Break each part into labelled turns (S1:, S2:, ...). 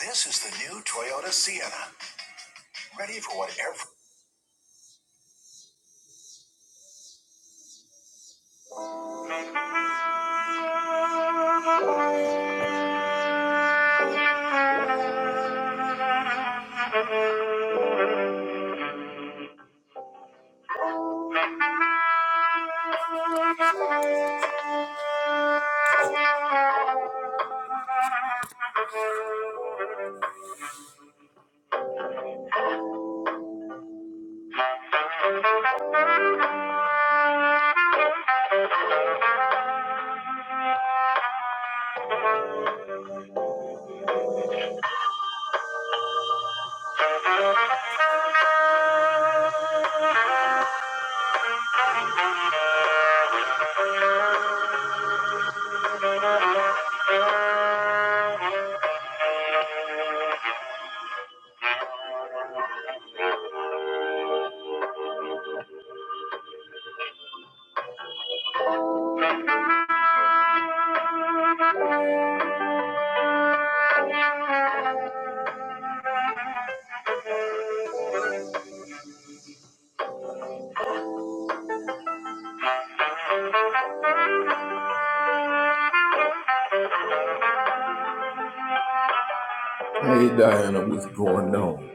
S1: This is the new Toyota Sienna, ready for whatever. Hey Diana, what's going on?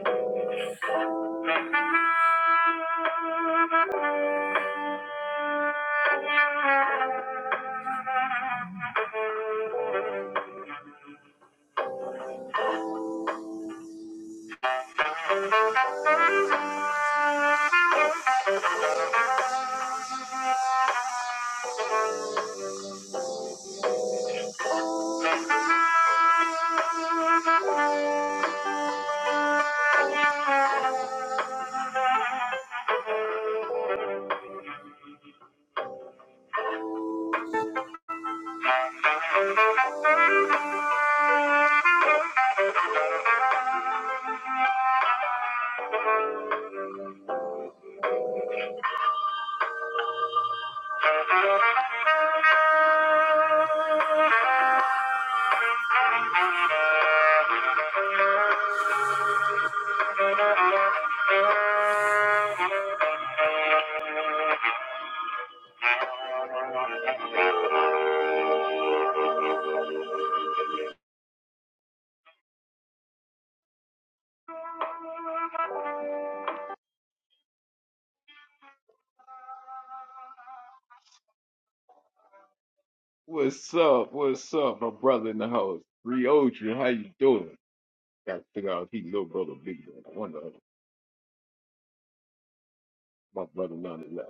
S1: What's up? What's up, my brother in the house? Rioja, how you doing? Got to figure out if he can little brother, or big brother. I wonder if my brother none is left.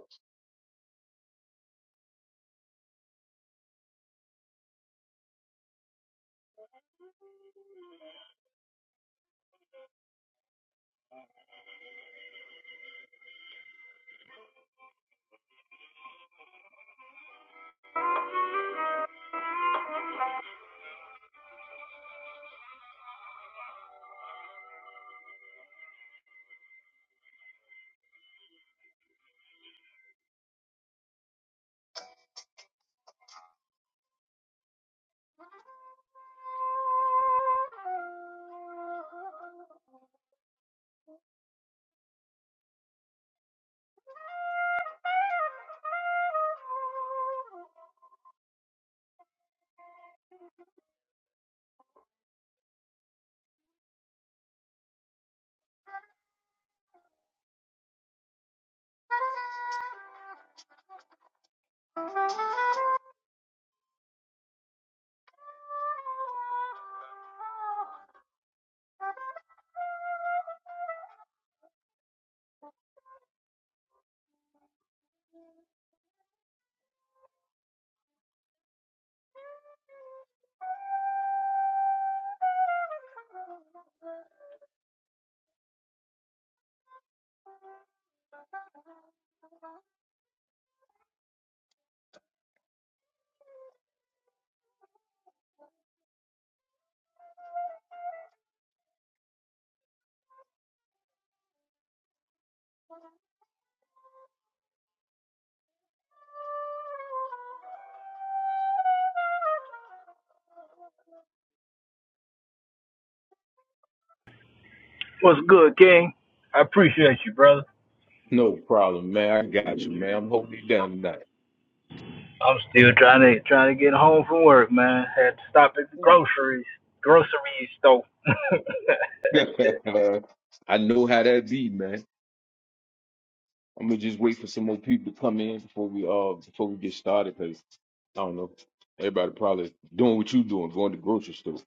S2: What's good, King? I appreciate you, brother.
S1: No problem, man. I got you, man. I'm holding you down tonight.
S2: I'm still trying to trying to get home from work, man. Had to stop at the
S1: Ooh.
S2: groceries grocery store.
S1: I know how that be, man. I'm gonna just wait for some more people to come in before we uh before we get started, cause I don't know. Everybody probably doing what you doing, going to the grocery store.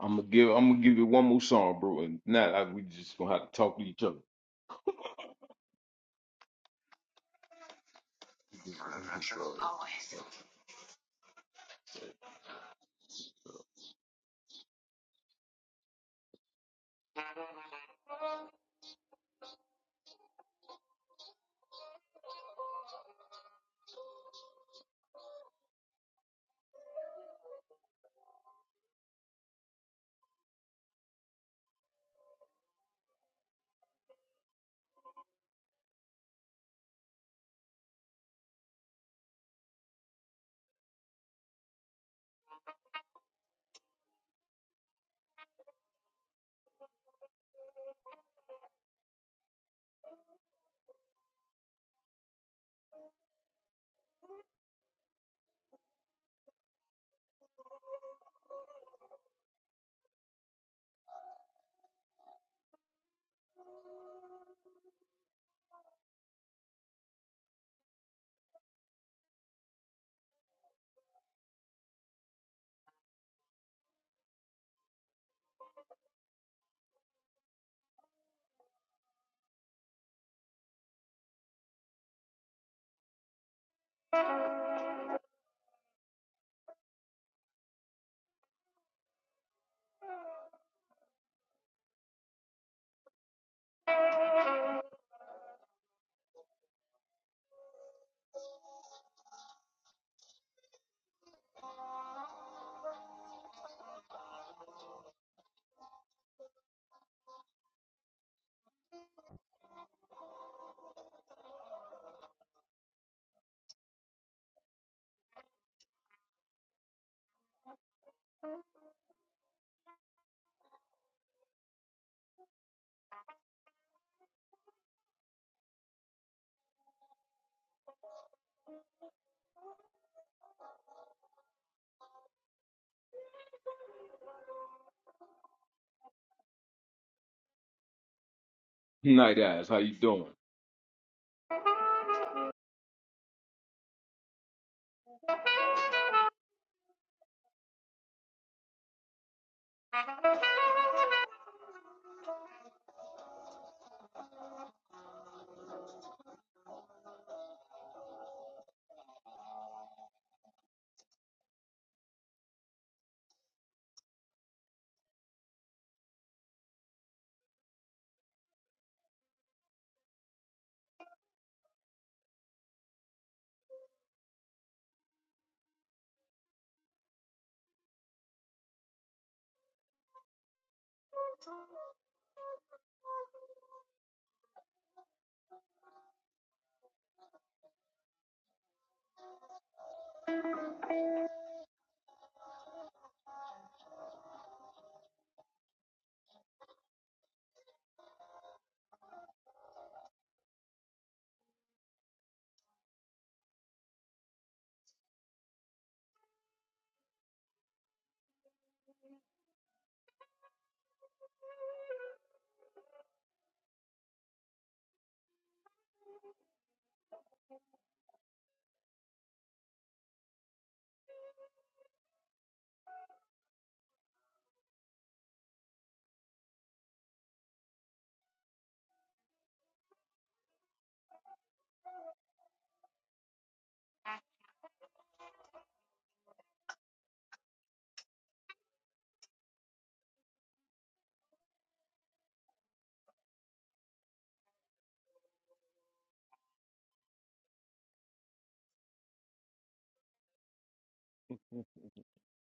S1: I'm gonna give I'm gonna give you one more song, bro, and now I, we just gonna have to talk to each other. Night eyes, how you doing?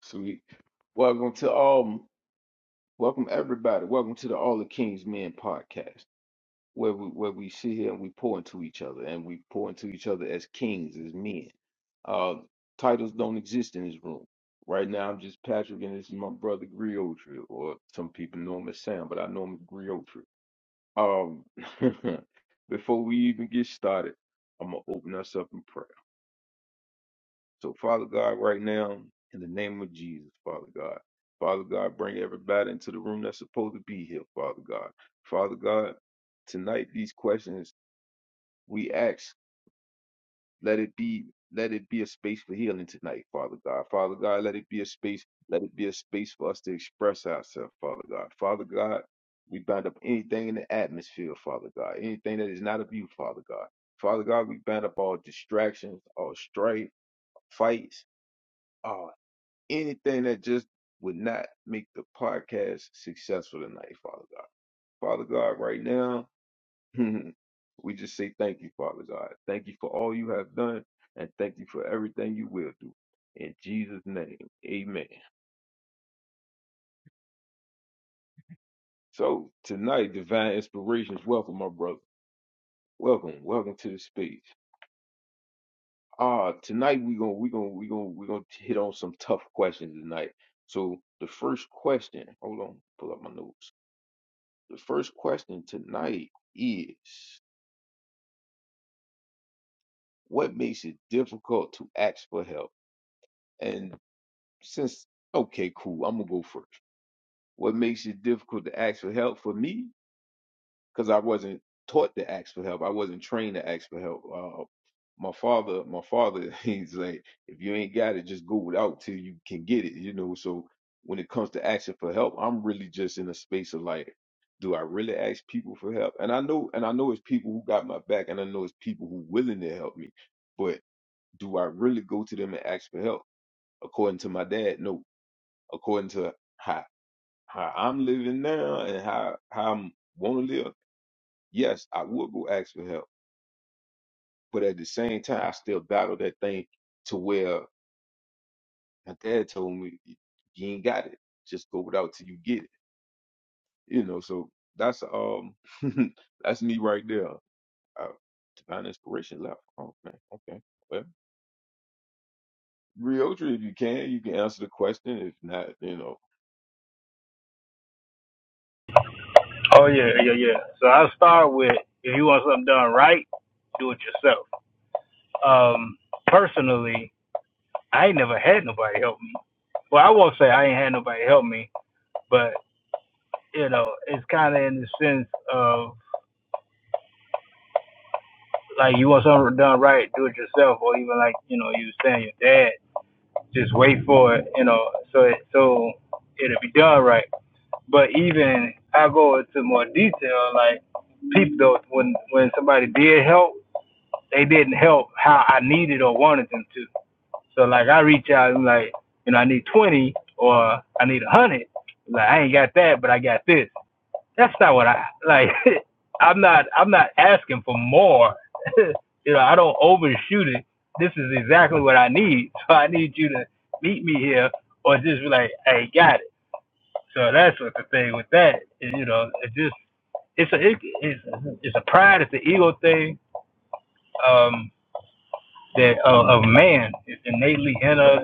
S1: Sweet. Welcome to all welcome everybody. Welcome to the All the Kings Men podcast. where we where we sit here and we pour into each other and we pour into each other as kings, as men. Uh, titles don't exist in this room. Right now, I'm just Patrick, and this is my brother Griotri, or some people know him as Sam, but I know him as Griotri. Um, before we even get started, I'm gonna open us up in prayer. So, Father God, right now, in the name of Jesus, Father God, Father God, bring everybody into the room that's supposed to be here, Father God, Father God. Tonight, these questions we ask, let it be, let it be a space for healing tonight, Father God. Father God, let it be a space, let it be a space for us to express ourselves, Father God. Father God, we bind up anything in the atmosphere, Father God, anything that is not of you, Father God. Father God, we bind up all distractions, all strife, fights, all anything that just would not make the podcast successful tonight, Father God. Father God, right now, we just say thank you, Father God. Thank you for all you have done, and thank you for everything you will do. In Jesus' name, amen. So, tonight, Divine Inspirations, welcome, my brother. Welcome, welcome to the space. Uh, tonight we're gonna we're gonna we're gonna we're gonna hit on some tough questions tonight. So the first question, hold on, pull up my notes. The first question tonight is what makes it difficult to ask for help? And since okay, cool, I'm gonna go first What makes it difficult to ask for help for me? Because I wasn't taught to ask for help. I wasn't trained to ask for help. Uh, my father, my father, he's like, if you ain't got it, just go without till you can get it. You know. So when it comes to asking for help, I'm really just in a space of like, do I really ask people for help? And I know, and I know it's people who got my back, and I know it's people who willing to help me. But do I really go to them and ask for help? According to my dad, no. According to how how I'm living now and how how I'm want to live, yes, I would go ask for help. But at the same time, I still battle that thing to where my dad told me, "You ain't got it. Just go without till you get it." You know, so that's um that's me right there. Uh, divine inspiration left. Oh man, okay. Well, Reotra, if you can, you can answer the question. If not, you know.
S2: oh yeah, yeah, yeah. So I'll start with if you want something done right, do it yourself. Um, personally, I ain't never had nobody help me. Well, I won't say I ain't had nobody help me, but you know, it's kind of in the sense of like you want something done right, do it yourself, or even like you know you was saying your dad. just wait for it, you know, so it, so it'll be done right. But even I go into more detail, like people though, when when somebody did help, they didn't help how I needed or wanted them to. So like I reach out and like, you know, I need twenty or I need a hundred. Like I ain't got that, but I got this that's not what I like. I'm not I'm not asking for more. you know, I don't overshoot it. This is exactly what I need. So I need you to meet me here, or just be like, "Hey, got it." So that's what the thing with that is. You know, it just it's a it, it's it's a pride, it's an ego thing. Um, that uh, of man is innately in us.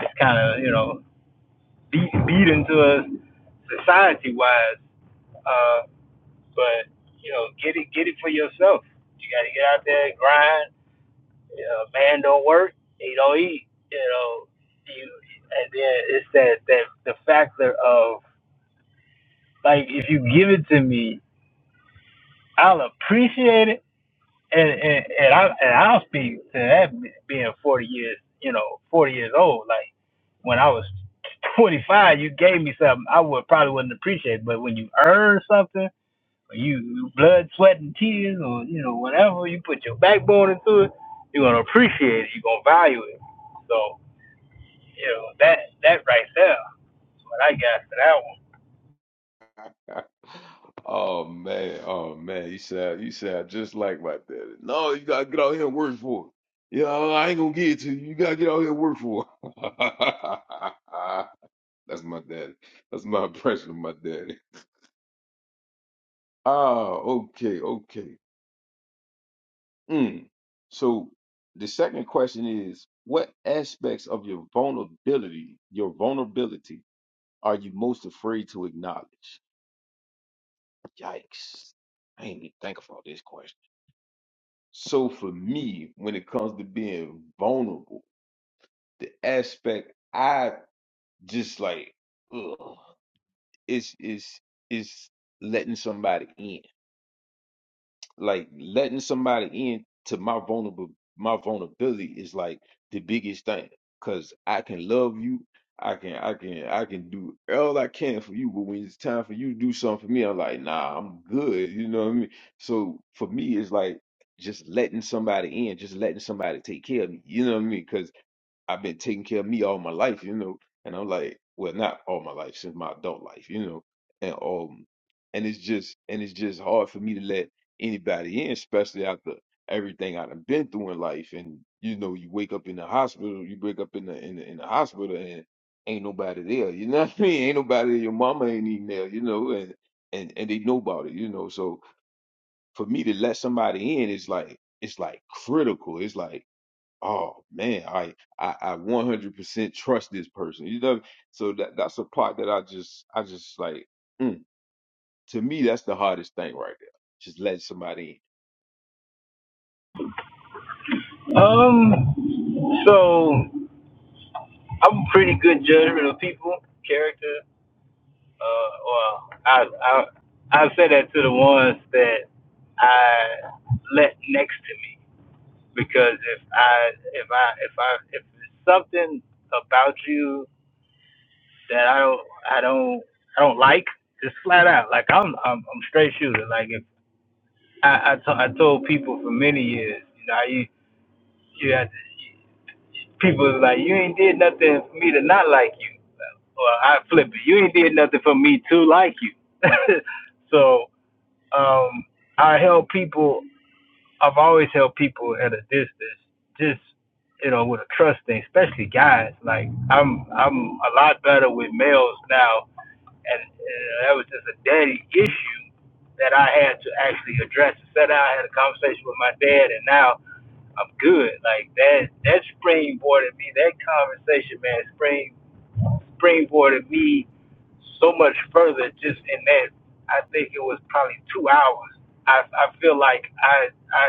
S2: It's kind of you know beat, beat into us society wise. Uh, But you know, get it, get it for yourself. You got to get out there and grind. You know, man don't work, he don't eat. You know, you and then it's that that the factor of like if you give it to me, I'll appreciate it, and and and, I, and I'll speak to that being forty years, you know, forty years old. Like when I was twenty five, you gave me something I would probably wouldn't appreciate, but when you earn something or you blood, sweat, and tears, or you know whatever you put your backbone into it, you're gonna appreciate it. You're gonna value it. So you know that that right there is what I got
S1: Oh man, oh man, you sound you sound just like my daddy. No, you gotta get out here and work for it. Yeah, I ain't gonna give it to you. You gotta get out here and work for it. That's my daddy. That's my impression of my daddy. Ah, okay, okay. Mm. So the second question is, what aspects of your vulnerability, your vulnerability, are you most afraid to acknowledge? Yikes! I didn't even think about this So for me, when it comes to being vulnerable, the aspect I just like, ugh, it's it's it's letting somebody in like letting somebody in to my vulnerable my vulnerability is like the biggest thing because i can love you i can i can i can do all i can for you but when it's time for you to do something for me i'm like nah i'm good you know what i mean so for me it's like just letting somebody in just letting somebody take care of me you know what i mean 'Cause I've been taking care of me all my life, you know. And I'm like, well, not all my life, since my adult life, you know. And um, and it's just and it's just hard for me to let anybody in, especially after everything I've been through in life. And you know, you wake up in the hospital, you wake up in the in the, in the hospital, and ain't nobody there. You know what I mean? Ain't nobody. there. Your mama ain't even there, you know. And and and they know about it, you know. So for me to let somebody in, it's like it's like critical. It's like oh man, I I, I 100% trust this person. You know, so that that's a part that I just I just like. mm. To me, that's the hardest thing right there. Just let somebody
S2: for that one. Um, so I'm a pretty good judgment of people, character. Uh, well, I I I say that to the ones that I let next to me because if I if I if I if it's something about you that I don't I don't I don't like. Just flat out, like I'm I'm, I'm straight shooter. Like if I I, to, I told people for many years, you know, I used you had people was like you ain't did nothing for me to not like you, or I flip it, you ain't did nothing for me to like you. so um, I help people. I've always helped people at a distance, just you know, with a trust thing, especially guys. Like I'm I'm a lot better with males now and, and that was just a daddy issue that I had to actually address. Set out, I had a conversation with my dad, and now I'm good. Like that, that springboarded me. That conversation, man, spring springboarded me so much further. Just in that, I think it was probably two hours. I, I feel like I I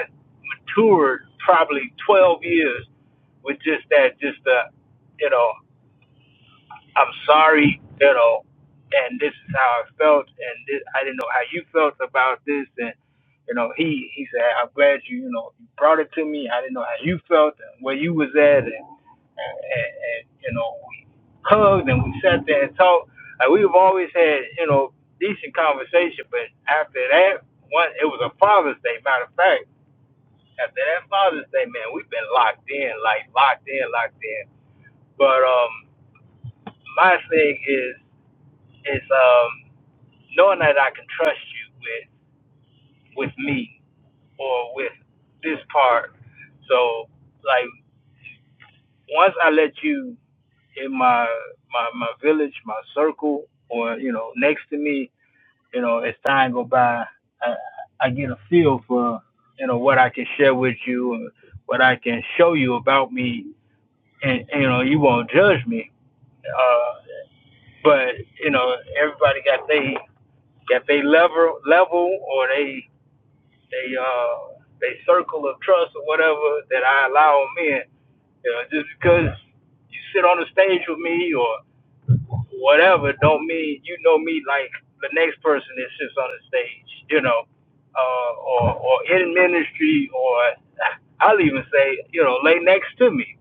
S2: matured probably 12 years with just that, just the, you know, I'm sorry, you know, and this is how I felt, and this, I didn't know how you felt about this, and you know, he he said, I'm glad you you know you brought it to me. I didn't know how you felt and where you was at, and and, and, and you know, we hugged and we sat there and talked. Like we've always had you know decent conversation, but after that one, it was a Father's Day. Matter of fact, after that Father's Day, man, we've been locked in, like locked in, locked in. But um, my thing is. It's um, knowing that I can trust you with with me or with this part. So like once I let you in my my my village, my circle, or you know next to me, you know as time go by, I, I get a feel for you know what I can share with you and what I can show you about me, and you know you won't judge me. Uh, but you know everybody got they got they level level or they they uh they circle of trust or whatever that I allow them in. You know, just because you sit on the stage with me or whatever, don't mean you know me like the next person that sits on the stage. You know, uh, or or in ministry, or I'll even say you know lay next to me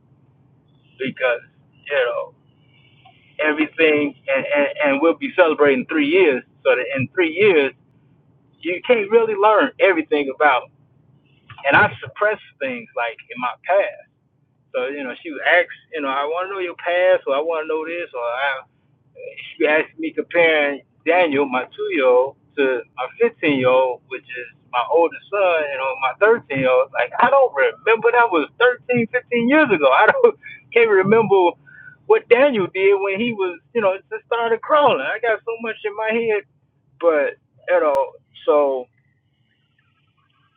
S2: because you know everything, and and, and we'll be celebrating three years. So that in three years, you can't really learn everything about and I suppress things like in my past. So you know, she would ask, you know, I want to know your past, or I want to know this, or I, she asked me comparing Daniel, my two-year-old, to my 15-year-old, which is my oldest son, and on my 13-year-old, like I don't remember that was 13, 15 years ago. I don't can't remember what Daniel did when he was, you know, just started crawling. I got so much in my head, but you know, so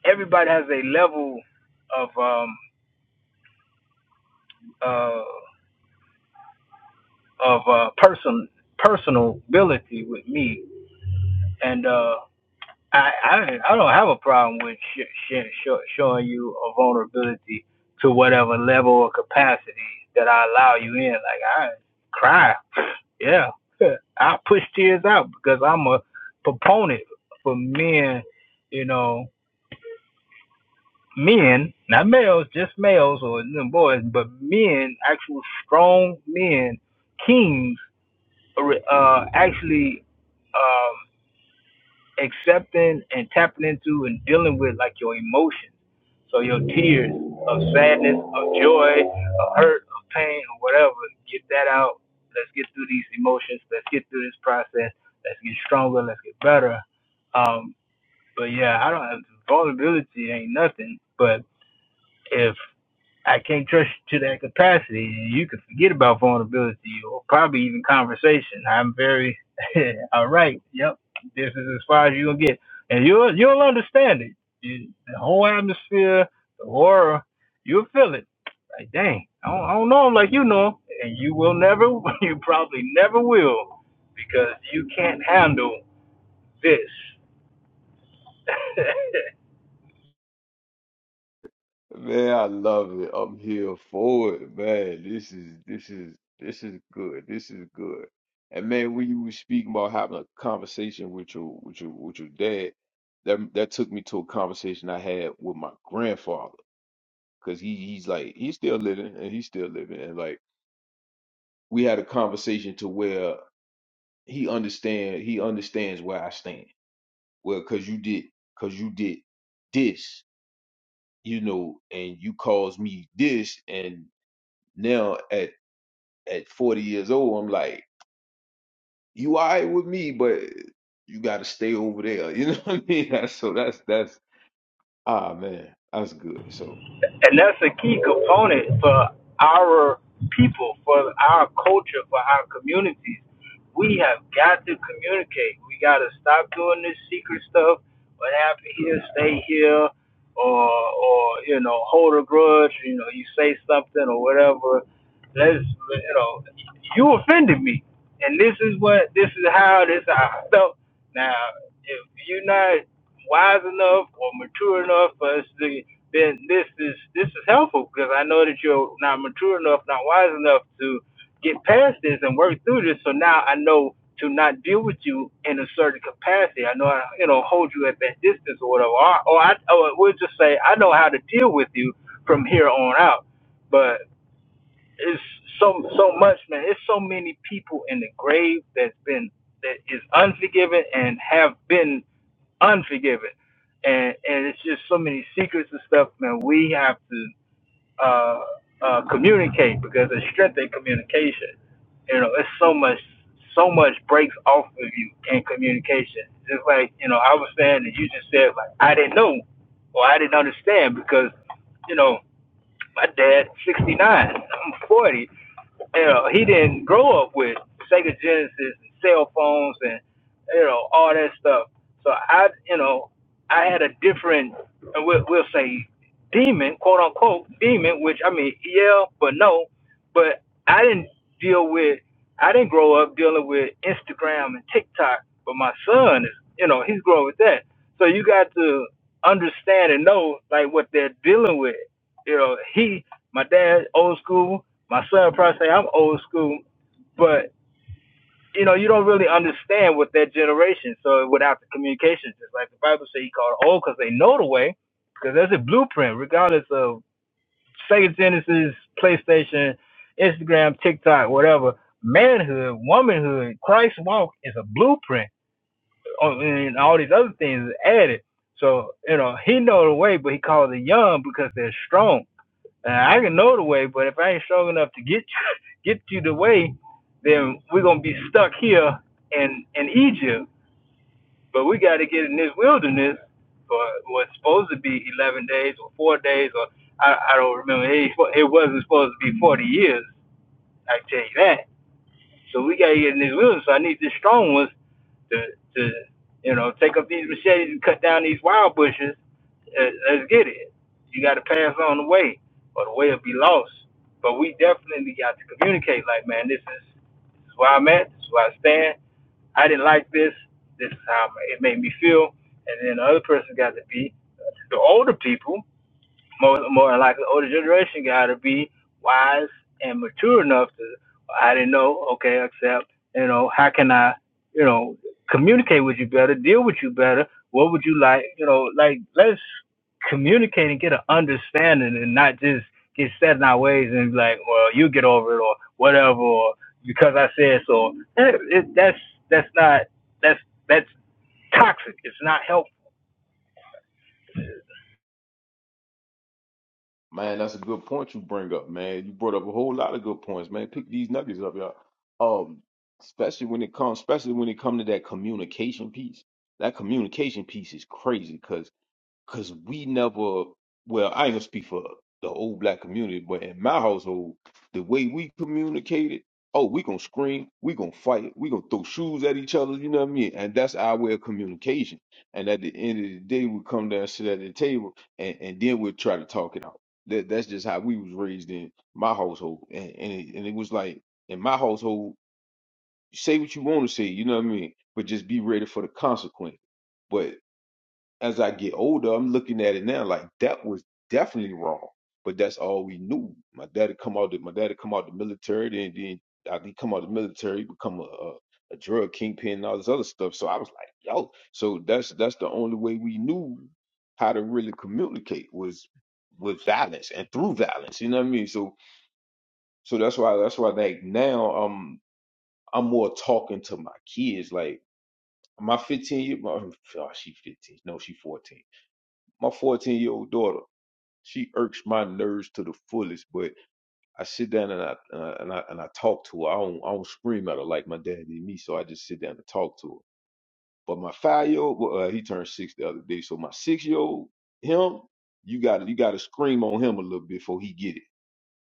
S2: everybody has a level of um uh, of uh, person personal ability with me, and uh, I, I I don't have a problem with sh- sh- sh- showing you a vulnerability to whatever level or capacity that I allow you in. Like I cry, yeah, I push tears out because I'm a proponent for men, you know. Men, not males, just males or boys, but men, actual strong men, kings uh, actually um, accepting and tapping into and dealing with like your emotions. So your tears of sadness, of joy, of hurt, of pain, or whatever, get that out. Let's get through these emotions. Let's get through this process. Let's get stronger. Let's get better. Um, but yeah, I don't have vulnerability ain't nothing. But if I can't trust you to that capacity. You can forget about vulnerability or probably even conversation. I'm very all right. Yep, this is as far as you are gonna get, and you'll you'll understand it. You, the whole atmosphere, the aura, you'll feel it. Like dang, I don't, I don't know him like you know him, and you will never, you probably never will, because you can't handle this.
S1: in. Man, I love it. I'm here for it, man. This is this is this is good. This is good. And man, when you were speaking about having a conversation with your with your with your dad, that that took me to a conversation I had with my grandfather because he he's like he's still living and he's still living and like. we had a conversation to where he understand he understands where I stand. Well, cause you did cause you did this, you know, and you caused me this, and now at at forty years old, I'm like, you all right with me, but you got to stay over there. You know what I mean? so that's that's ah man, that's good. So.
S2: and that's a key component for our people, for our culture, for our communities. We have got to communicate. We got to stop doing this secret stuff. What happened here, stay here, or or you know, hold a grudge. You know, you say something or whatever. Let's you know, you offended me, and this is what this is how this is how I felt. Now, if you're not wise enough or mature enough for us to then this is this is helpful because I know that you're not mature enough, not wise enough to get past this and work through this. So now I know to not deal with you in a certain capacity. I know I you know hold you at that distance or whatever. Or, or I or we'll just say I know how to deal with you from here on out. But it's so so much, man. It's so many people in the grave that's been that is unforgiven and have been unforgiving. And and it's just so many secrets and stuff, man. We have to uh, uh, communicate because it's strength in communication. You know, it's so much so much breaks off of you in communication. Just like, you know, I was saying that you just said like I didn't know or I didn't understand because, you know, my dad sixty nine, I'm forty you know, he didn't grow up with Sega Genesis and cell phones and you know all that stuff. So I, you know, I had a different, uh, we'll, we'll say, demon, quote unquote, demon. Which I mean, yeah, but no, but I didn't deal with, I didn't grow up dealing with Instagram and TikTok. But my son is, you know, he's growing with that. So you got to understand and know like what they're dealing with. You know, he, my dad, old school my son probably say I'm old school, but you know, you don't really understand what that generation. So without the communication, just like the Bible say, he called old because they know the way, because that's a blueprint, regardless of Sega Genesis, PlayStation, Instagram, TikTok, whatever. Manhood, womanhood, Christ walk is a blueprint, Oh, and all these other things added. So you know, he know the way, but he calls the young because they're strong. Uh, I can know the way, but if I ain't strong enough to get get you the way, then we're gonna be stuck here in in Egypt. But we got to get in this wilderness for what's supposed to be 11 days or four days, or I, I don't remember. It, it wasn't supposed to be 40 years. I tell you that. So we got to get in this wilderness. So I need this strong one to to you know take up these machetes and cut down these wild bushes. Uh, Let's get it. You got to pass on the way, or the way will be lost. But we definitely got to communicate. Like, man, this is this is where I'm at. This is where I stand. I didn't like this. This is how it made me feel. And then the other person got to be the older people more more than likely the older generation gotta be wise and mature enough to I didn't know, okay, accept, you know, how can I, you know, communicate with you better, deal with you better, what would you like, you know, like let's communicate and get an understanding and not just get set in our ways and be like, well, you get over it or whatever or because I said so. It, it, that's that's not that's that's toxic. It's not helpful.
S1: Man, that's a good point you bring up, man. You brought up a whole lot of good points, man. Pick these nuggets up, y'all. Um, especially when it comes, especially when it comes to that communication piece. That communication piece is crazy cause because we never well i ain't gonna speak for the old black community but in my household the way we communicated oh we gonna scream we gonna fight we gonna throw shoes at each other you know what i mean and that's our way of communication and at the end of the day we come down sit at the table and, and then we'll try to talk it out that, that's just how we was raised in my household and, and, it, and it was like in my household say what you want to say you know what i mean but just be ready for the consequence as I get older, I'm looking at it now like that was definitely wrong. But that's all we knew. My daddy come out. The, my daddy come out the military. Then then I he come out the military, become a, a a drug kingpin and all this other stuff. So I was like, yo. So that's that's the only way we knew how to really communicate was with violence and through violence. You know what I mean? So so that's why that's why like now um I'm more talking to my kids like. My 15 year, my, oh, she 15. No, she 14 my 14 year old daughter she irks my nerves to the fullest but i sit down and i and i and i, and I talk to her I don't, I don't scream at her like my dad did me so i just sit down and talk to her but my five year old well, uh, he turned six the other day so my six year old him you gotta you gotta scream on him a little bit before he get it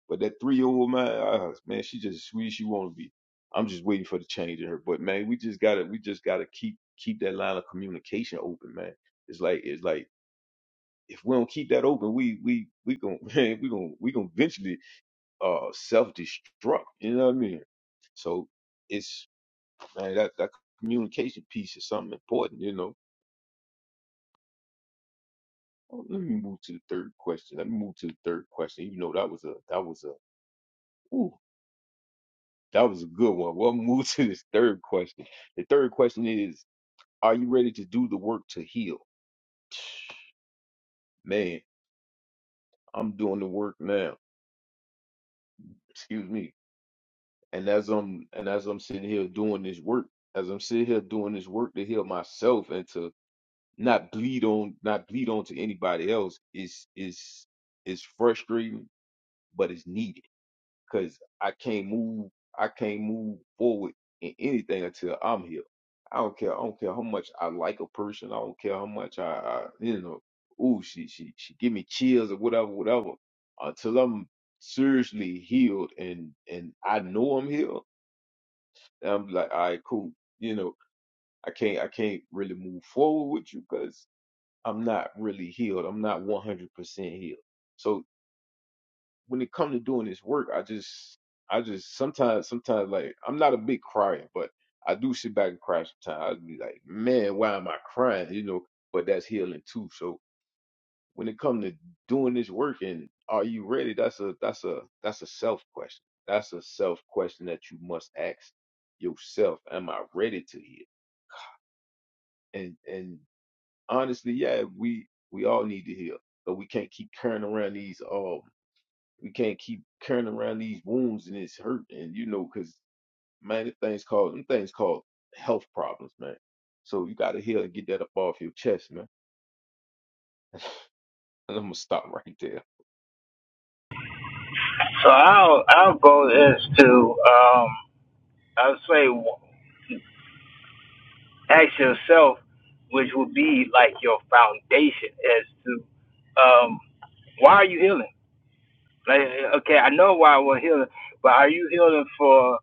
S1: but that three year old man uh, man she just as sweet as she want to be i'm just waiting for the change in her but man we just gotta we just gotta keep keep that line of communication open man it's like it's like if we don't keep that open, we we we gon' man, we gon' we gon' eventually uh self destruct. You know what I mean? So it's man, that that communication piece is something important. You know. Oh, Let me move to the third question. Let me move to the third question. Even though that was a that was a ooh, that was a good one. We'll move to this third question. The third question is: Are you ready to do the work to heal? Man, I'm doing the work now. Excuse me And as I'm and as I'm sitting here doing this work, as I'm sitting here doing this work to heal myself and to not bleed on, not bleed on to anybody else is is is frustrating, but it's needed because I can't move, I can't move forward in anything until I'm healed. I don't care. I don't care how much I like a person. I don't care how much I, I you know, ooh, she she she give me chills or whatever, whatever. Until I'm seriously healed and and I know I'm healed and I'm like, all right, cool. You know, I can't, I can't really move forward with you because I'm not really healed. I'm not 100% healed. So when it comes to doing this work, I just, I just sometimes, sometimes like I'm not a big crier, but I do sit back and cry sometimes. I'd be like, man, why am I crying? You know, but that's healing too. So when it comes to doing this work and are you ready? That's a, that's a, that's a self question. That's a self question that you must ask yourself. Am I ready to heal? and and honestly, yeah, we we all need to heal, but we can't keep carrying around these um we can't keep carrying around these wounds and it's hurt and you know because man, the things called them things called health problems, man. So you got to heal and get that up off your chest, man. And I'm gonna stop right there,
S2: So our our goal is to um, I would say ask yourself, which would be like your foundation as to um, why are you healing? Like, okay, I know why we're healing, but are you healing for?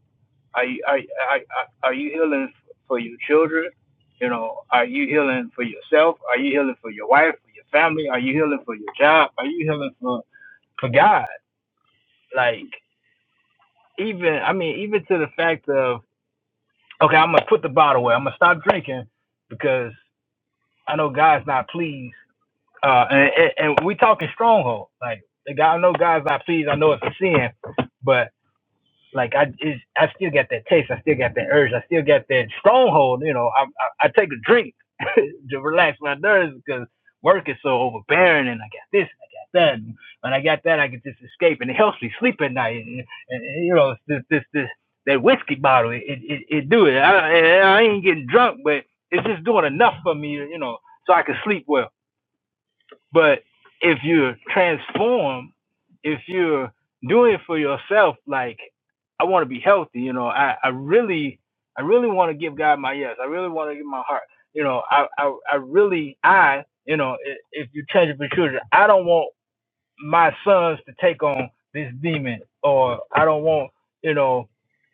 S2: Are you are are, are you healing for your children? You know, are you healing for yourself? Are you healing for your wife, for your family? Are you healing for your job? Are you healing for for God? Like, even I mean, even to the fact of okay, I'm gonna put the bottle away. I'm gonna stop drinking because I know God's not pleased. Uh, and, and, and we talking stronghold. Like the guy, I know God's not pleased. I know it's a sin, but like I is I still got that taste. I still got that urge. I still got that stronghold. You know, I I, I take a drink to relax my nerves because work is so overbearing, and I got this and I got that. And when I got that, I can just escape, and it helps me sleep at night. And, and, and, you know, this this this that whiskey bottle, it it, it, do it. I I ain't getting drunk, but it's just doing enough for me. You know, so I can sleep well. But if you're transformed, if you're doing it for yourself, like I want to be healthy, you know, I, I really, I really want to give God my yes. I really want to give my heart. You know, I, I, I really, I, you know, i- if you change it for children, I don't want my sons to take on this demon, or I don't want, you know,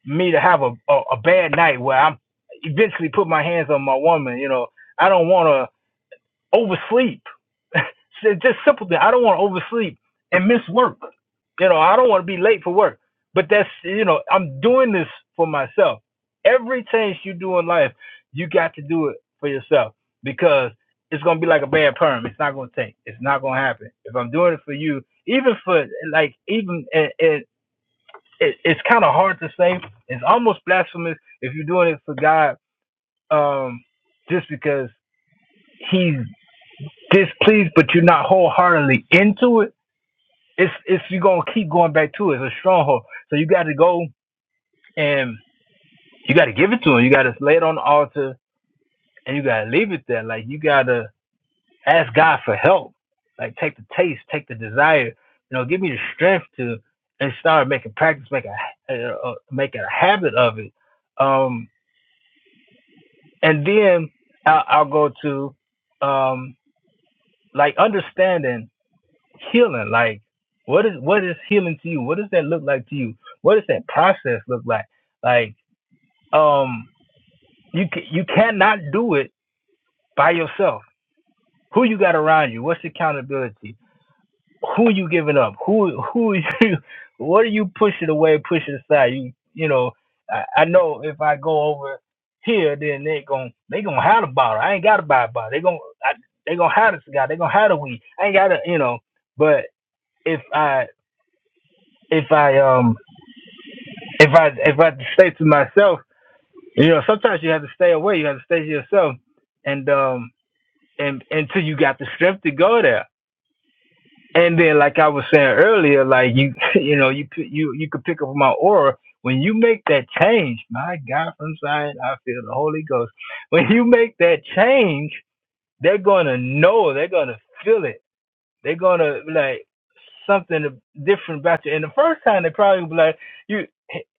S2: me to have a, a, a bad night where I'm eventually put my hands on my woman. You know, I don't want to oversleep. It's just simple thing. I don't want to oversleep and miss work. You know, I don't want to be late for work. But that's you know, I'm doing this for myself. Every change you do in life, you got to do it for yourself because it's gonna be like a bad perm. It's not gonna take. It's not gonna happen. If I'm doing it for you, even for like even it, it, it it's kind of hard to say. It's almost blasphemous if you're doing it for God, um, just because He's displeased, but you're not wholeheartedly into it, it's it's you're gonna keep going back to it. It's a stronghold. So you gotta go and you gotta give it to him. You gotta lay it on the altar and you gotta leave it there. Like you gotta ask God for help. Like take the taste, take the desire. You know, give me the strength to and start making practice, make a uh, uh, make a habit of it. Um, and then I'll, I'll go to um, like understanding. healing like what is what is healing to you what does that look like to you what does that process look like like um you you cannot do it by yourself who you got around you what's accountability who you giving up who who you what are you pushing away pushing aside you you know i, I know if i go over here then they gonna they gonna have the bottle i ain't gotta buy a bottle they gon' I, they gonna have the cigar they gonna have the weed i ain't gotta you know but if i if I um if I if I had to stay to myself, you know, sometimes you have to stay away. You have to stay to yourself, and um, and until you got the strength to go there. And then, like I was saying earlier, like you, you know, you p- you you could pick up my aura when you make that change. My God, from Zion, I feel the Holy Ghost. When you make that change, they're gonna know. They're gonna feel it they're gonna be like something different about you. And the first time they probably be like, "You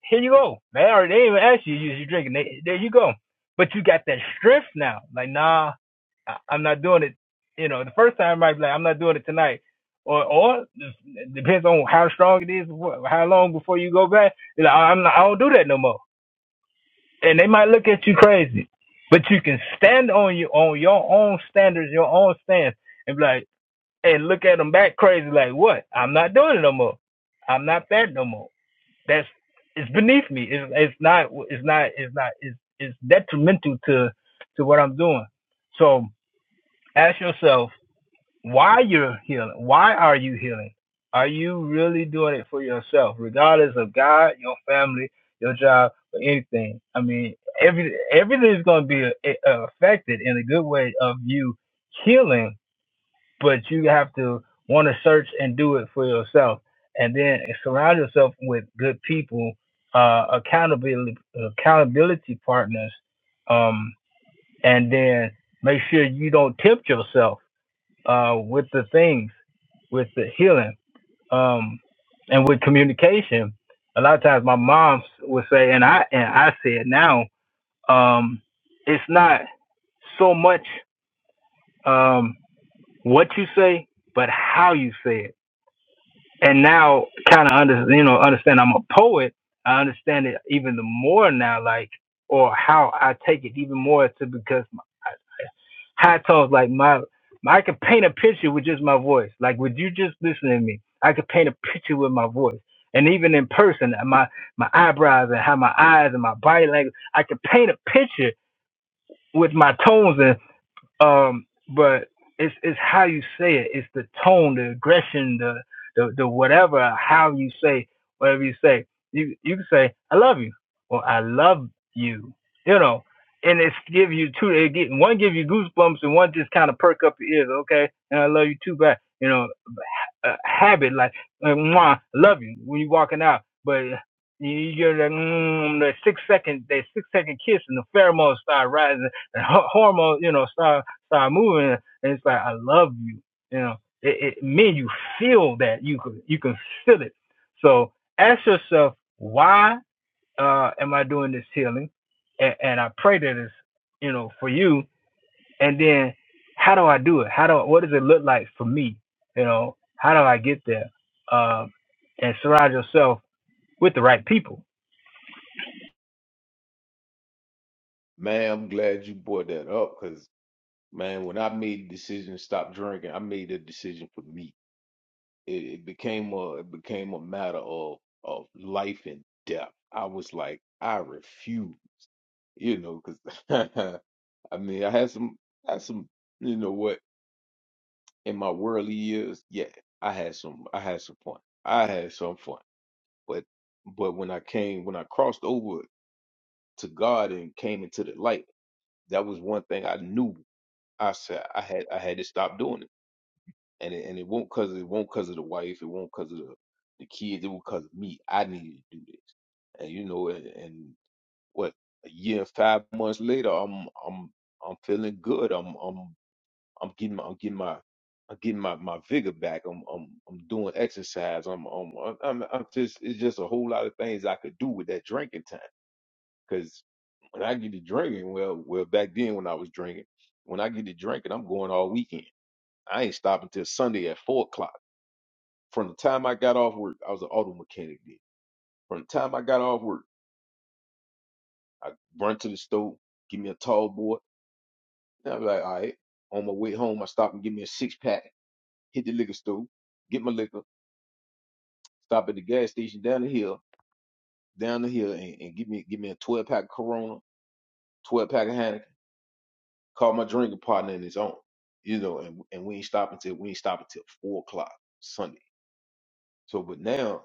S2: here you go, man." Or they didn't even ask you, "You you drinking?" They, there you go. But you got that strength now. Like, nah, I, I'm not doing it. You know, the first time I might be like, "I'm not doing it tonight." Or, or it depends on how strong it is, what, how long before you go back. You're like, I'm not, I don't do that no more. And they might look at you crazy, but you can stand on your on your own standards, your own stance, and be like and look at them back crazy like what? I'm not doing it no more. I'm not that no more. That's it's beneath me. It's it's not it's not it's not it's it's detrimental to to what I'm doing. So ask yourself why you're healing. Why are you healing? Are you really doing it for yourself, regardless of God, your family, your job, or anything? I mean, every everything is going to be uh, affected in a good way of you healing but you have to want to search and do it for yourself and then surround yourself with good people uh accountability accountability partners um and then make sure you don't tempt yourself uh with the things with the healing um and with communication a lot of times my mom would say and i and i say it now um it's not so much um what you say but how you say it and now kind of under you know understand I'm a poet. I understand it even the more now, like or how I take it even more to because my high tones like my, my I could paint a picture with just my voice. Like would you just listen to me? I could paint a picture with my voice. And even in person, uh, my my eyebrows and how my eyes and my body language, I could paint a picture with my tones and. Um, but it's it's how you say it. It's the tone, the aggression, the the, the whatever, how you say whatever you say. You you can say I love you or I love you, you know. And it's give you two. It get one give you goosebumps and one just kind of perk up your ears. Okay, and I love you too, back. You know, uh, habit, like uh, mwah, love you when you're walking out, but you you get that, mm, that six second, that six second kiss, and the pheromones start rising, the ho- hormones, you know, start start moving, and it's like I love you, you know. It, it men, you feel that you can you can feel it. So ask yourself, why uh, am I doing this healing? And, and I pray that it's you know for you and then how do I do it? How do I, what does it look like for me? You know, how do I get there? Um, and surround yourself with the right people.
S1: man. I'm glad you brought that up because man, when I made the decision to stop drinking, I made a decision for me. It, it became a it became a matter of of life and death. I was like, I refuse. you know, 'cause I mean, I had some, I had some, you know what, in my worldly years, yeah, I had some, I had some fun, I had some fun, but, but when I came, when I crossed over to God and came into the light, that was one thing I knew. I said I had, I had to stop doing it, and it, and it won't cause it won't cause of the wife, it won't cause of the, the kids, it won't cause of me. I needed to do this, and you know, and, and what a year and five months later, I'm, I'm I'm feeling good. I'm I'm I'm getting my, I'm getting my, I'm getting my, my vigor back. I'm, I'm, I'm doing exercise. I'm, I'm, I'm, I'm just, it's just a whole lot of things I could do with that drinking time. Cause when I get to drinking, well, well, back then when I was drinking, when I get to drinking, I'm going all weekend. I ain't stopping till Sunday at four o'clock. From the time I got off work, I was an auto mechanic then. From the time I got off work, I run to the store, give me a tall boy. And I'm like, all right. On my way home, I stop and give me a six pack, hit the liquor store, get my liquor, Stop at the gas station down the hill, down the hill, and, and give me give me a twelve pack of Corona, twelve pack of Heineken. Call my drinking partner and it's on. You know, and and we ain't stopping till we ain't stopping till four o'clock Sunday. So, but now,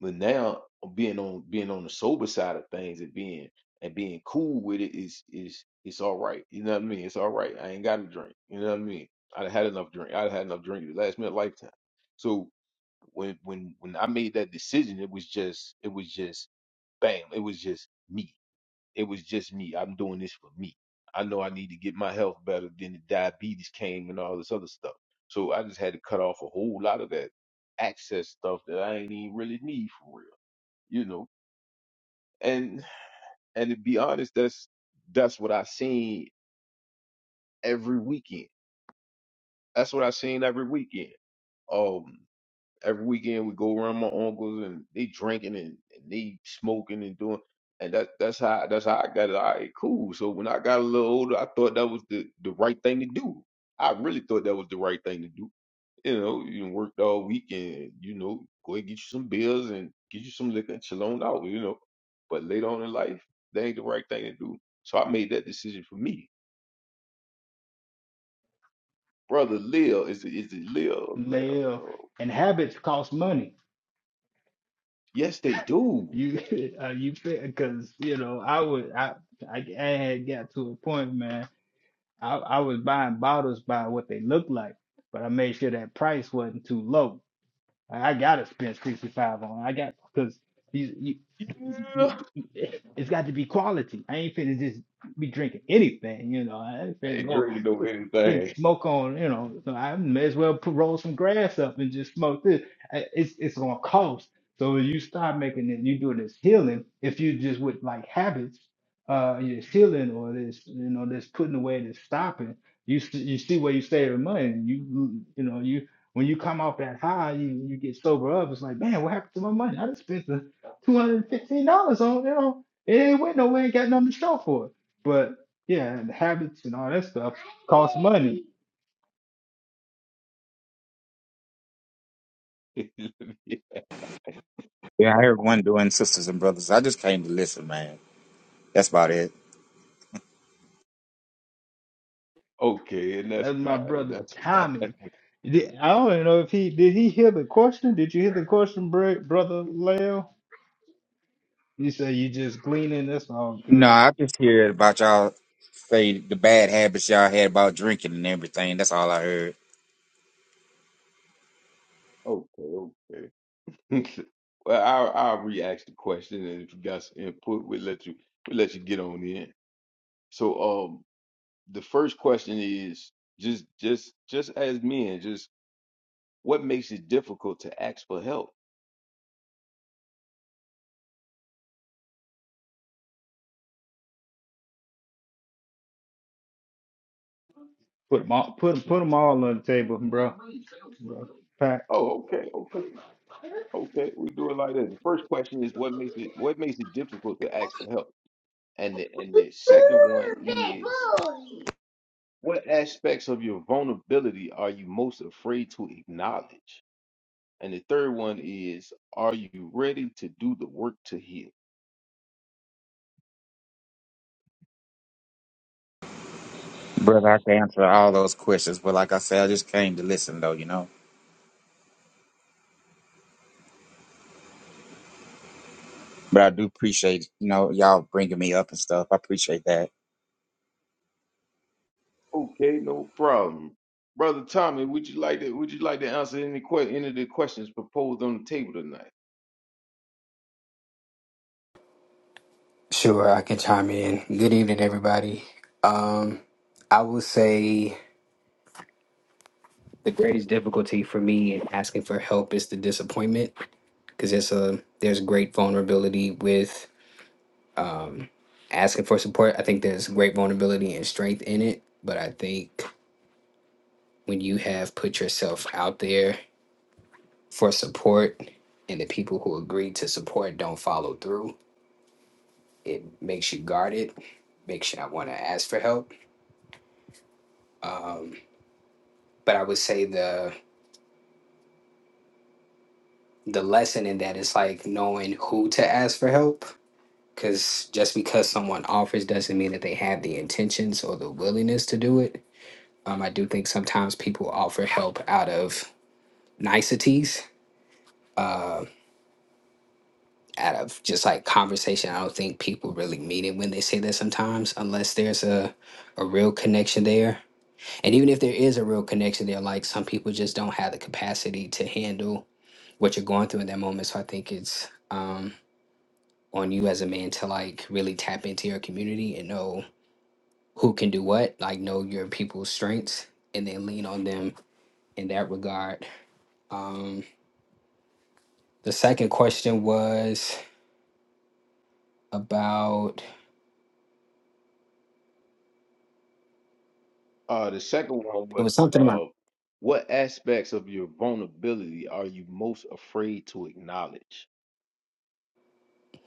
S1: but now being on being on the sober side of things and being and being cool with it is is it's all right. You know what I mean? It's all right. I ain't got to drink. You know what I mean? I'd had enough drink. I'd had enough drink to last me a lifetime. So when when when I made that decision, it was just it was just bam, it was just me. It was just me. I'm doing this for me. I know I need to get my health better. Then the diabetes came and all this other stuff. So I just had to cut off a whole lot of that access stuff that I ain't even really need for real, you know. And and to be honest, that's that's what I seen every weekend. That's what I seen every weekend. Um, every weekend we go around my uncles and they drinking and, and they smoking and doing and that that's how that's how I got it. All right, cool. So when I got a little older, I thought that was the, the right thing to do. I really thought that was the right thing to do. You know, you done worked all weekend, you know, go ahead and get you some beers and get you some liquor and chill on out, you know. But later on in life, that ain't the right thing to do. So I made that decision for me. Brother Lil is it is it Lil Lil?
S2: Nail
S1: Oh,
S2: and habits cost money.
S1: yes, they do.
S2: You, uh, you, because you know, I would, I, I, I had got to a point, man. I, I was buying bottles by what they looked like, but I made sure that price wasn't too low. I gotta spend 65 on. it. I got because these you,
S1: Yeah.
S2: it's got to be quality. I ain't finna just be drinking anything, you know. I ain't
S1: I
S2: finna
S1: ain't
S2: go
S1: drinking no
S2: put, finna
S1: anything.
S2: smoke on, you know. So I may as well put, roll some grass up and just smoke this. I- It's it's gonna cost. So when you start making it, you do this healing. If you just with like habits, uh, your healing or this, you know, this putting away, this stopping. You s- you see where you save money. You you know you when you come off that high, you you get sober up. It's like, man, what happened to my money? I just spent the two hundred and fifteen dollars on you know it ain't went nowhere, ain't got nothing to show for it. But yeah, and the habits and all that stuff cost money.
S3: Yeah, I heard one doing sisters and brothers. I just came to listen, man. That's about it.
S1: okay, and that's
S2: As my
S1: fine, and
S2: brother
S1: that's
S2: Tommy,
S1: fine.
S2: did- I don't even know if he did he hear the question. Did you hear the question, bro- brother Leo? You say you just gleaning. That's all
S3: No,
S2: good.
S3: I just heard about y'all say the bad habits y'all had about drinking and everything. That's all I heard.
S1: Okay, okay. well, I'll I'll re-ask the question, and if you got some input, we'll let you we'll let you get on in. So, um, the first question is just just just as men, just what makes it difficult to ask for help?
S2: Put them all, put, put 'em all on the table, bro. bro. Pack.
S1: Oh, okay, okay, okay. We do it like that. The first question is what makes it what makes it difficult to ask for help, and the and the second one is What aspects of your vulnerability are you most afraid to acknowledge? And the third one is, are you ready to do the work to heal?
S3: Brother, I can answer all those questions, but like I said, I just came to listen though, you know. But I do appreciate, you know, y'all bringing me up and stuff. I appreciate that.
S1: Okay, no problem. Brother Tommy, would you like to would you like to answer any que- any of the questions proposed on the table tonight?
S4: Sure, I can chime in. Good evening, everybody. Um, I would say the greatest difficulty for me in asking for help is the disappointment because it's a there's great vulnerability with um, asking for support. I think there's great vulnerability and strength in it, but I think when you have put yourself out there for support and the people who agree to support don't follow through, it makes you guarded, makes you not want to ask for help. Um, but I would say the the lesson in that is like knowing who to ask for help because just because someone offers doesn't mean that they have the intentions or the willingness to do it um, i do think sometimes people offer help out of niceties uh, out of just like conversation i don't think people really mean it when they say that sometimes unless there's a, a real connection there and even if there is a real connection there like some people just don't have the capacity to handle what you're going through in that moment so i think it's um, on you as a man to like really tap into your community and know who can do what, like know your people's strengths and then lean on them in that regard. Um, the second question was about
S1: Uh the second one
S4: it
S1: was
S4: was something about
S1: uh what aspects of your vulnerability are you most afraid to acknowledge?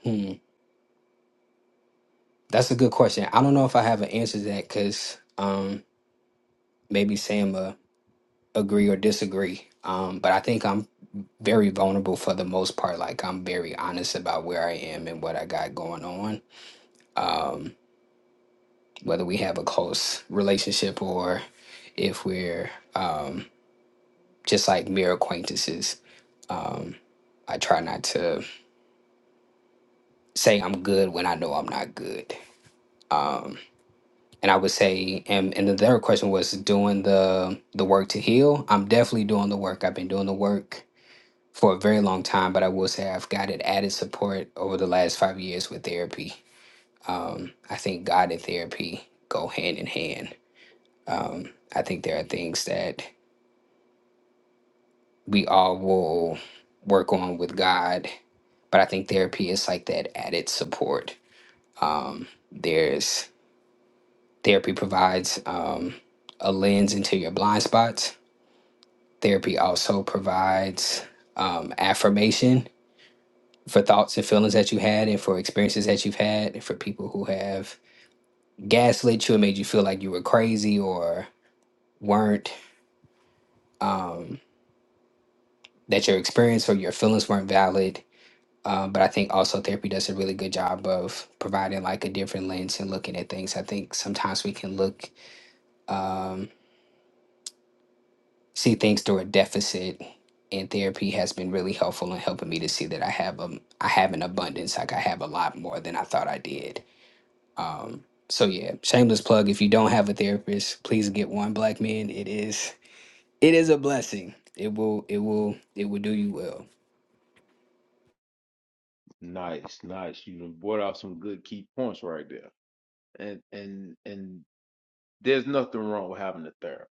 S4: hmm, that's a good question. I don't know if I have an answer to that because um, maybe Sam uh, agree or disagree. Um, but I think I'm very vulnerable for the most part. Like I'm very honest about where I am and what I got going on. Um, whether we have a close relationship or if we're um, just like mere acquaintances. Um, I try not to say I'm good when I know I'm not good. Um, and I would say, and, and the third question was doing the the work to heal. I'm definitely doing the work. I've been doing the work for a very long time, but I will say I've gotten added support over the last five years with therapy. Um, I think God and therapy go hand in hand. Um, I think there are things that we all will work on with God. But I think therapy is like that added support. Um, there's therapy provides um, a lens into your blind spots. Therapy also provides um, affirmation for thoughts and feelings that you had and for experiences that you've had and for people who have gaslit you and made you feel like you were crazy or weren't um, that your experience or your feelings weren't valid Um, but I think also therapy does a really good job of providing like a different lens and looking at things. I think sometimes we can look, um, see things through a deficit, and therapy has been really helpful in helping me to see that I have um I have an abundance, like I have a lot more than I thought I did. Um, so yeah, shameless plug. If you don't have a therapist, please get one. Black men, it is it is a blessing. It will it will it will do you well.
S1: Nice, nice. You done brought out some good key points right there. And and and there's nothing wrong with having a therapist.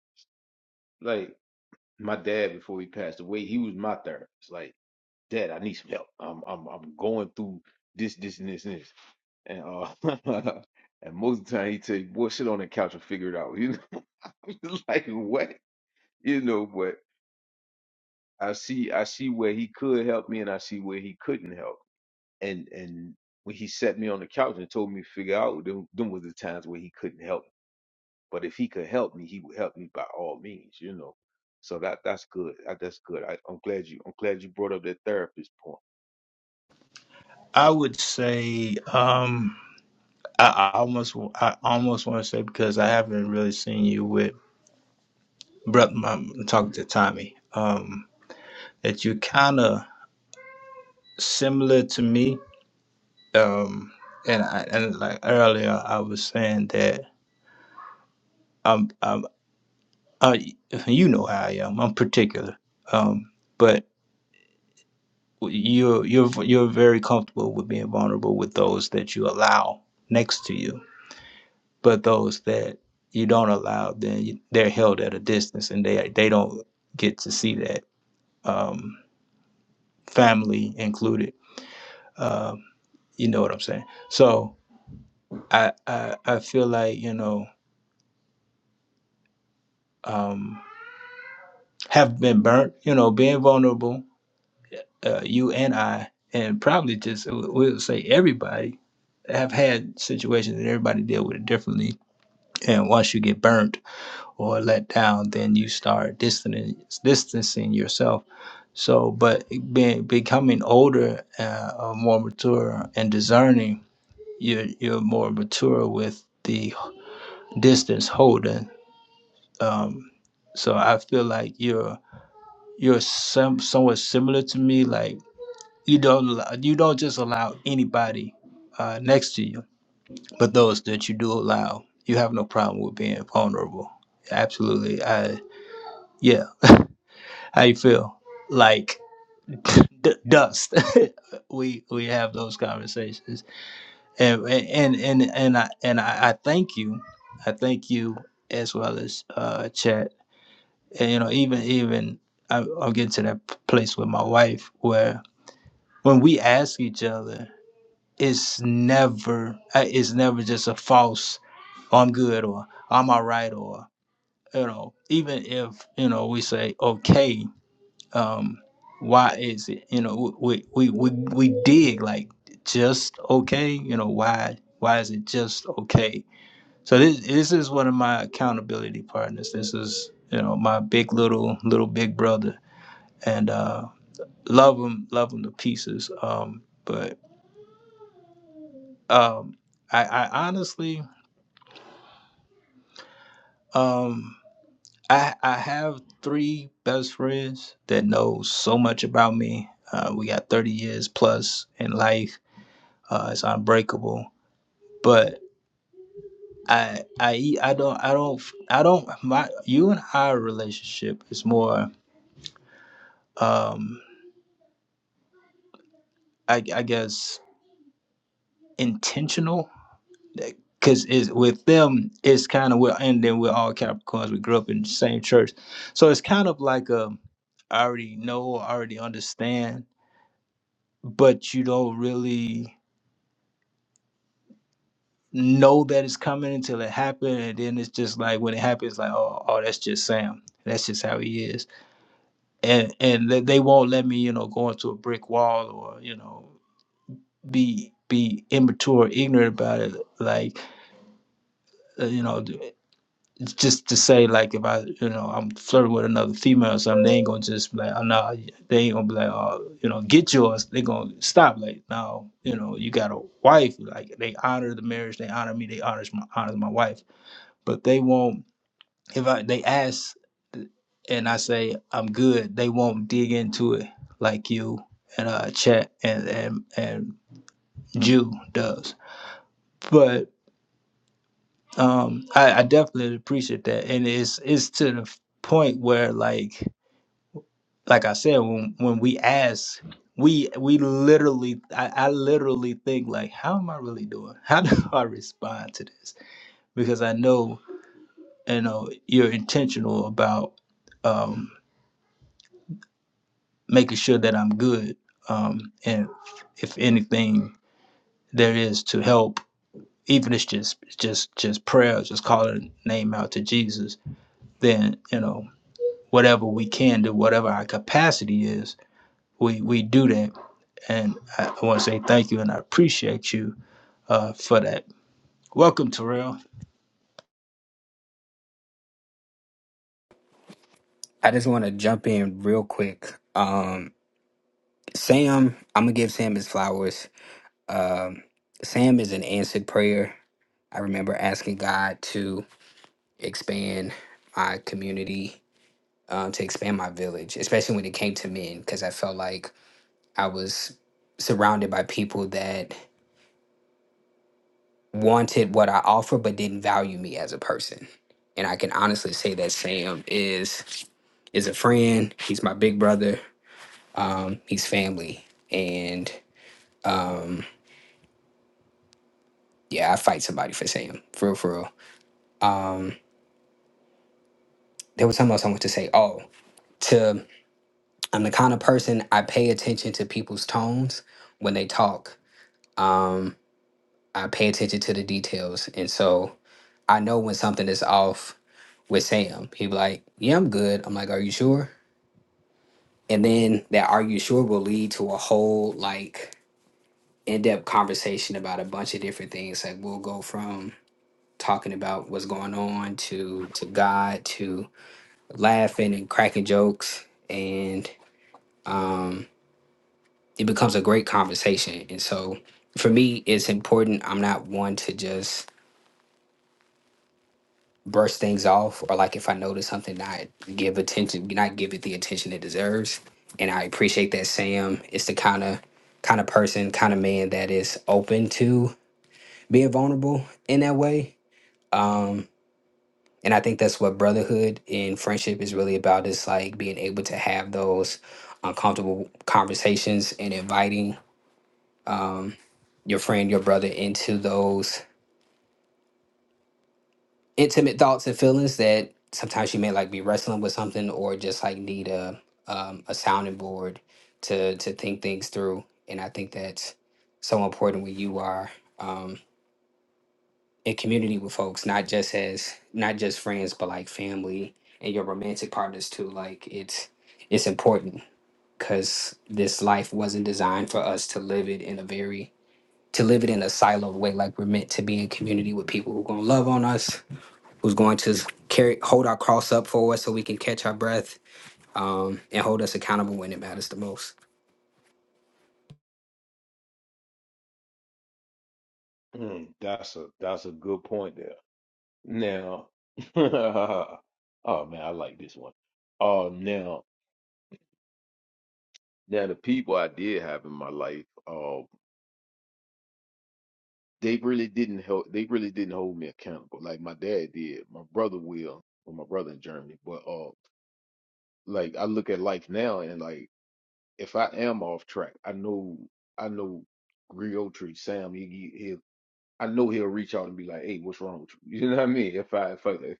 S1: Like my dad before he passed away, he was my therapist. Like, Dad, I need some help. I'm I'm I'm going through this, this, and this, and this. And uh and most of the time he tell you, boy, sit on the couch and figure it out. You know, I'm like what? You know, but I see I see where he could help me and I see where he couldn't help. And and when he set me on the couch and told me to figure out, them, them was the times where he couldn't help But if he could help me, he would help me by all means, you know. So that that's good. That, that's good. I, I'm glad you I'm glad you brought up that therapist point.
S2: I would say. um. I, I almost I almost want to say because I haven't really seen you with brother I'm talking to Tommy um that you kind of similar to me um and I, and like earlier I was saying that um um I, you know how I am I'm particular um but you're you're you're very comfortable with being vulnerable with those that you allow next to you but those that you don't allow, then you, they're held at a distance, and they they don't get to see that um, family included. Um, you know what I'm saying? So I I, I feel like you know um, have been burnt. You know, being vulnerable, uh, you and I, and probably just we'll say everybody have had situations and everybody deal with it differently. And once you get burnt or let down, then you start distancing distancing yourself. So, but being becoming older, uh, or more mature and discerning, you're you're more mature with the distance holding. Um, so I feel like you're you're some somewhat similar to me. Like you don't allow- you don't just allow anybody uh, next to you, but those that you do allow, you have no problem with being vulnerable. Absolutely, I yeah. How you feel? Like d- dust. we we have those conversations, and and and and I and I, I thank you, I thank you as well as uh, Chat. And you know, even even I, I'm getting to that p- place with my wife where when we ask each other, it's never I- it's never just a false I'm good or I'm all right or you know even if you know we say okay um why is it you know we we we, we dig like just okay you know why why is it just okay so this this is one of my accountability partners this is you know my big little little big brother and uh love him love him to pieces um but um i i honestly um i i have three best friends that know so much about me uh, we got 30 years plus in life Uh, it's unbreakable. but I, I, I do not I I e- I don't I don't I don't my you and I relationship is more um I, I guess intentional because is with them it's kind of we're and then we're all Capricorns we grew up in the same church so it's kind of like um I already know I already understand but you don't really know that it's coming until it happens and then it's just like when it happens like oh oh that's just Sam that's just how he is and and they they won't let me you know go into a brick wall or you know be be immature ignorant about it like uh, you know d- it's just to say like if i you know i'm flirting with another female or something they ain't gonna just be like oh no they ain't gonna be like oh you know get yours they gonna stop like no you know you got a wife like they honor the marriage they honor me they honors my honors my wife but they won't if I, they ask and I say I'm good, they won't dig into it like you and uh chat and and and Jew does. But um I, I definitely appreciate that. And it's it's to the point where like like I said, when when we ask we we literally I, I literally think like how am I really doing? How do I respond to this? Because I know you know you're intentional about um making sure that I'm good. Um, and if anything there is to help, even if it's just just just prayer, just calling a name out to Jesus, then you know whatever we can do, whatever our capacity is, we we do that. And I, I want to say thank you, and I appreciate you uh, for that. Welcome, Terrell.
S4: I just want to jump in real quick. Um, Sam, I'm gonna give Sam his flowers. Um, Sam is an answered prayer. I remember asking God to expand my community, um, to expand my village, especially when it came to men, because I felt like I was surrounded by people that wanted what I offer but didn't value me as a person. And I can honestly say that Sam is is a friend. He's my big brother. Um, he's family, and um, Yeah, I fight somebody for Sam. For real, for real. Um, there was something else I want to say. Oh, to I'm the kind of person I pay attention to people's tones when they talk. Um, I pay attention to the details, and so I know when something is off with Sam. He be like, "Yeah, I'm good." I'm like, "Are you sure?" And then that "Are you sure" will lead to a whole like in-depth conversation about a bunch of different things. Like we'll go from talking about what's going on to to God to laughing and cracking jokes and um it becomes a great conversation and so for me it's important i'm not one to just brush things off or like if i notice something not give attention not give it the attention it deserves and i appreciate that sam is the kind of kind of person kind of man that is open to being vulnerable in that way Um, and i think that's what brotherhood and friendship is really about is like being able to have those uncomfortable conversations and inviting um, your friend your brother into those intimate thoughts and feelings that sometimes you may like be wrestling with something or just like need a um, a sounding board to to think things through and i think that's so important when you are um, in community with folks, not just as not just friends, but like family and your romantic partners too. Like it's it's important because this life wasn't designed for us to live it in a very to live it in a siloed way. Like we're meant to be in community with people who are gonna love on us, who's going to carry hold our cross up for us so we can catch our breath, um, and hold us accountable when it matters the most.
S1: Mm, that's a that's a good point there. Now, oh man, I like this one. Oh, now now the people I did have in my life, uh, they really didn't help. They really didn't hold me accountable like my dad did. My brother will, well, my brother in Germany, but uh, like I look at life now and like if I am off track, I know I know Griotry, Sam, he, he he'll I know he'll reach out and be like, "Hey, what's wrong with you?" You know what I mean? If I if I if,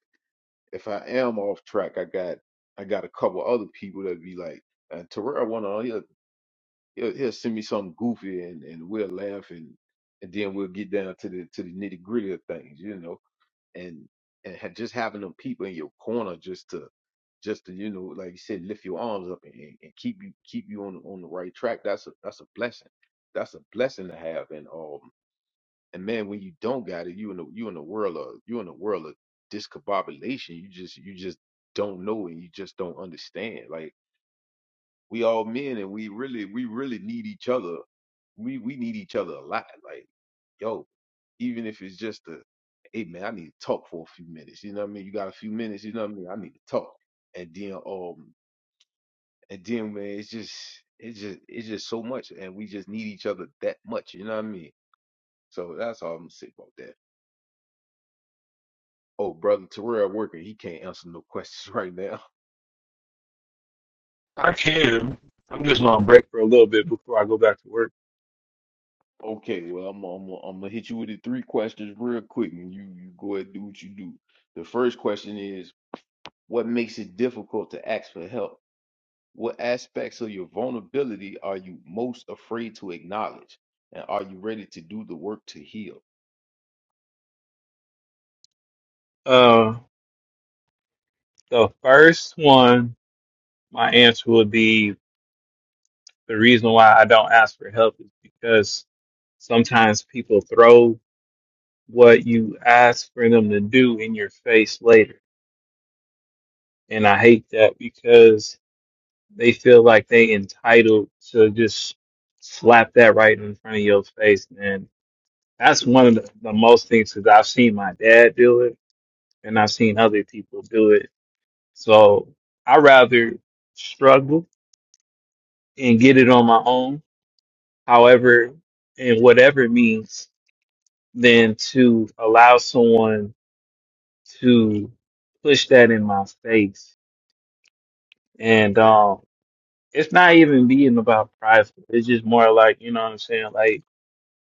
S1: if I am off track, I got I got a couple other people that be like, uh, "Terrell, one to he'll, he'll he'll send me something goofy and and we'll laugh and and then we'll get down to the to the nitty gritty of things, you know." and and ha- just having them people in your corner just to just to you know like you said lift your arms up and, and and keep you keep you on on the right track that's a that's a blessing that's a blessing to have and um and man when you don't got it you in the you in the world of you in the world of discombobulation you just you just don't know and you just don't understand like. We all men and we really we really need each other. We we need each other a lot. Like, yo, even if it's just a hey man, I need to talk for a few minutes. You know what I mean? You got a few minutes, you know what I mean? I need to talk. And then um and then man, it's just it's just it's just so much and we just need each other that much, you know what I mean? So that's all I'm gonna say about that. Oh, brother Terrell working, he can't answer no questions right now.
S5: I can. I'm just on break for a little bit before I go back to work.
S1: Okay, well, I'm I'm I'm gonna hit you with the three questions real quick, and you you go ahead and do what you do. The first question is, what makes it difficult to ask for help? What aspects of your vulnerability are you most afraid to acknowledge, and are you ready to do the work to heal?
S5: Uh, the first one, my answer would be the reason why I don't ask for help is because sometimes people throw what you ask for them to do in your face later. And I hate that because they feel like they entitled to just slap that right in front of your face. And that's one of the, the most things because I've seen my dad do it and I've seen other people do it So I rather struggle and get it on my own, however, and whatever it means, than to allow someone to push that in my face. And um, it's not even being about prideful. It's just more like, you know what I'm saying? Like,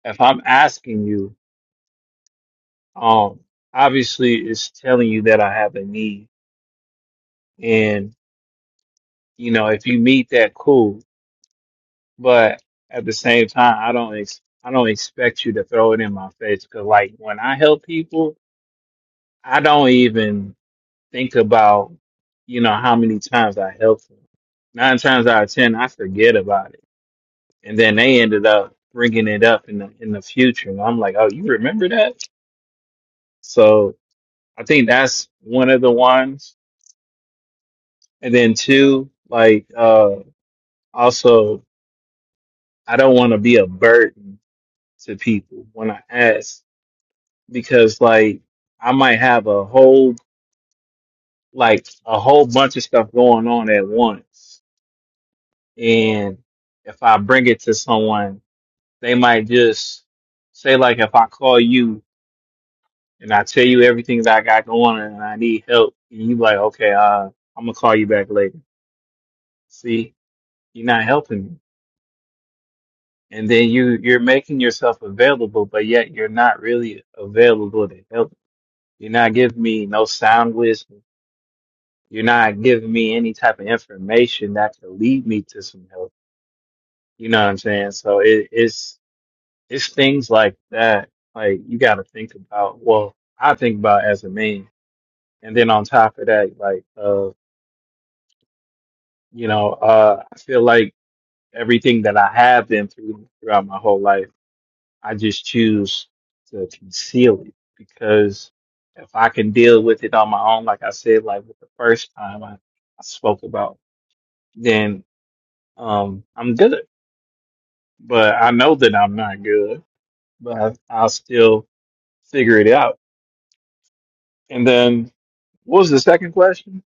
S5: if I'm asking you, um, obviously it's telling you that I have a need. And, you know, if you meet that, cool. but at the same time, I don't ex- I don't expect you to throw it in my face because like when I help people, I don't even think about you know how many times I helped them. Nine times out of ten, I forget about it, and then they ended up bringing it up in the in the future, and I'm like, oh, you remember that? So I think that's one of the ones, and then two, like uh also, I don't want to be a burden to people when I ask. because like I might have a whole like a whole bunch of stuff going on at once. And if I bring it to someone, they might just say like if I call you and I tell you everything that I got going on and I need help and you like, okay, uh I'm gonna call you back later. See, you're not helping me. And then you you're making yourself available, but yet you're not really available to help. You're not giving me no sound wisdom You're not giving me any type of information that could lead me to some help. You know what I'm saying? So it, it's it's things like that. Like you got to think about. Well, I think about as a man, and then on top of that, like uh, you know, uh, I feel like everything that I have been through throughout my whole life, I just choose to conceal it because if I can deal with it on my own, like I said, like with the first time I, I spoke about, then um, I'm good but I know that I'm not good, but I, I'll still figure it out. And then what was the second question?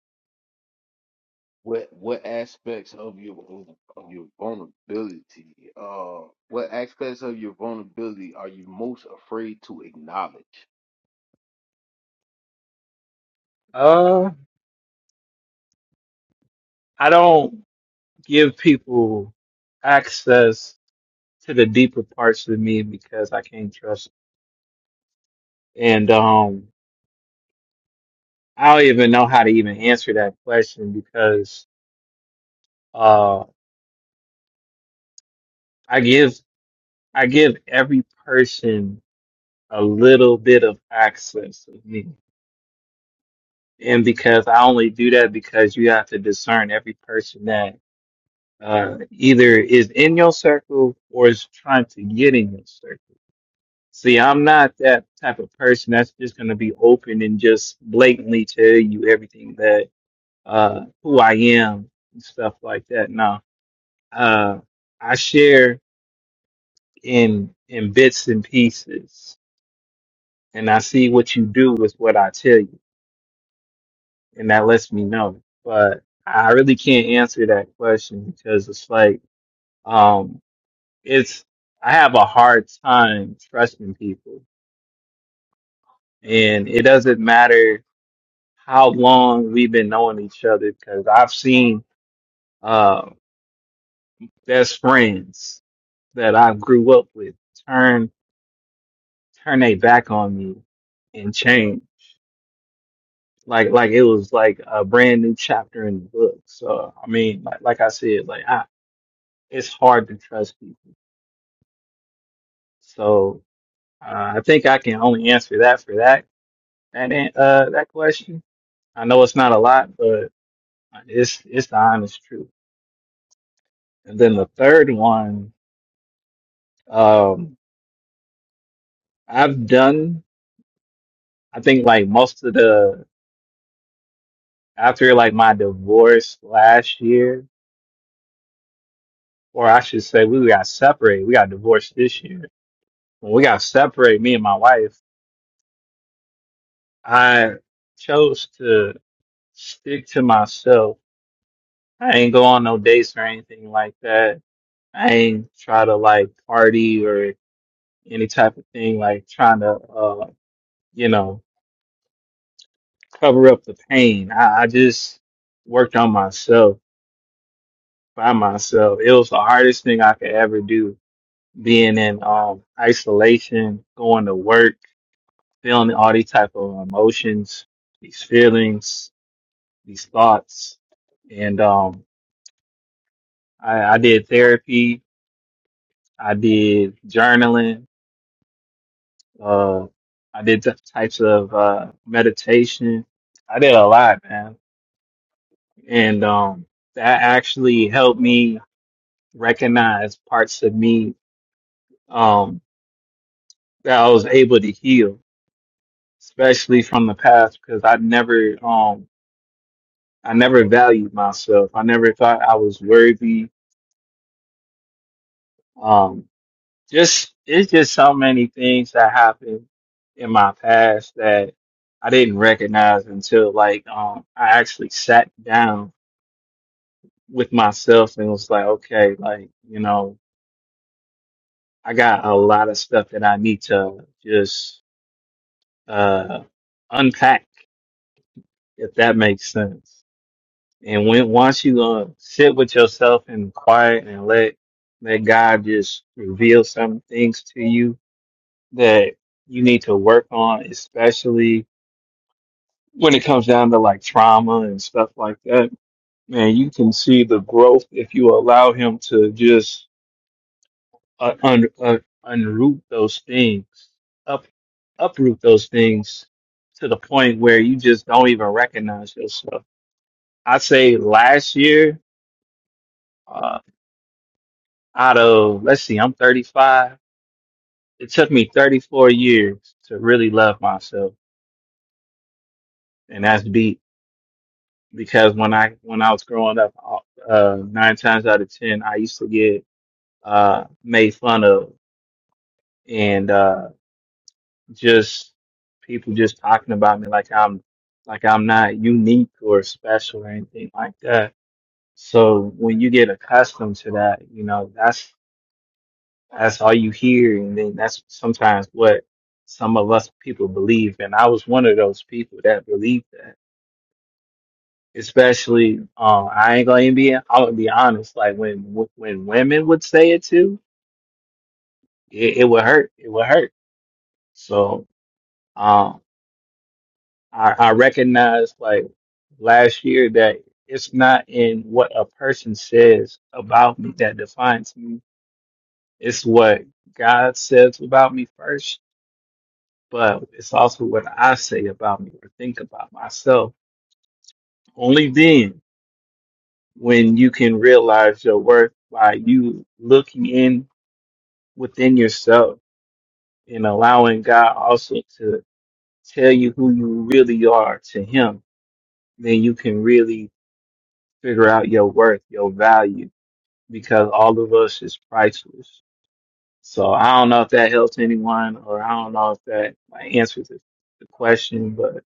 S1: What what aspects of your of your vulnerability? Uh, what aspects of your vulnerability are you most afraid to acknowledge?
S5: Uh, I don't give people access to the deeper parts of me because I can't trust. them. And um, I don't even know how to even answer that question because uh, I give I give every person a little bit of access of me and because I only do that because you have to discern every person that uh, either is in your circle or is trying to get in your circle. See, I'm not that type of person that's just going to be open and just blatantly tell you everything that uh, who I am and stuff like that. No, uh, I share in in bits and pieces, and I see what you do with what I tell you and that lets me know. But I really can't answer that question because it's like, um, it's I have a hard time trusting people, and it doesn't matter how long we've been knowing each other because I've seen uh best friends that I grew up with turn turn their back on me and change. Like like it was like a brand new chapter in the book. So I mean, like like I said, like I, it's hard to trust people So uh, I think I can only answer that for that that an- uh that question. I know it's not a lot, but it's it's the honest truth. And then the third one, um, I've done. I think like most of the after like my divorce last year, or I should say we got separated. We got divorced this year. When we got separated, me and my wife, I chose to stick to myself. I ain't go on no dates or anything like that I ain't try to like party or any type of thing like trying to uh you know cover up the pain. I, I just worked on myself by myself. It was the hardest thing I could ever do, being in um isolation, going to work, feeling all these type of emotions, these feelings, these thoughts. And um I, I did therapy, I did journaling, Uh, I did t- types of uh, meditation. I did a lot, man, and um, that actually helped me recognize parts of me um, that I was able to heal, especially from the past, because I never, um, I never valued myself. I never thought I was worthy. Um, just it's just so many things that happened in my past that I didn't recognize until like um, I actually sat down with myself and was like, okay, like, you know, I got a lot of stuff that I need to just uh unpack, if that makes sense. And when once you uh, sit with yourself and quiet and let let God just reveal some things to you that you need to work on, especially when it comes down to like trauma and stuff like that, man, you can see the growth if you allow him to just uh, un, uh, unroot those things, up uproot those things to the point where you just don't even recognize yourself. I say last year, uh, out of let's see, I'm 35. It took me 34 years to really love myself, and that's deep because when I when I was growing up, uh, nine times out of ten, I used to get uh, made fun of, and uh, just people just talking about me like I'm like I'm not unique or special or anything like that. So when you get accustomed to that, you know, that's that's all you hear and then that's sometimes what some of us people believe. And I was one of those people that believed that. Especially uh, I ain't gonna even be I'm gonna be honest, like when when women would say it too, it, it would hurt. It would hurt. So um, I, I recognize like last year that it's not in what a person says about me that defines me. It's what God says about me first, but it's also what I say about me or think about myself. Only then when you can realize your worth by you looking in within yourself and allowing God also to tell you who you really are to him, then you can really figure out your worth, your value because all of us is priceless. So I don't know if that helps anyone, or I don't know if that like, answers the the question, but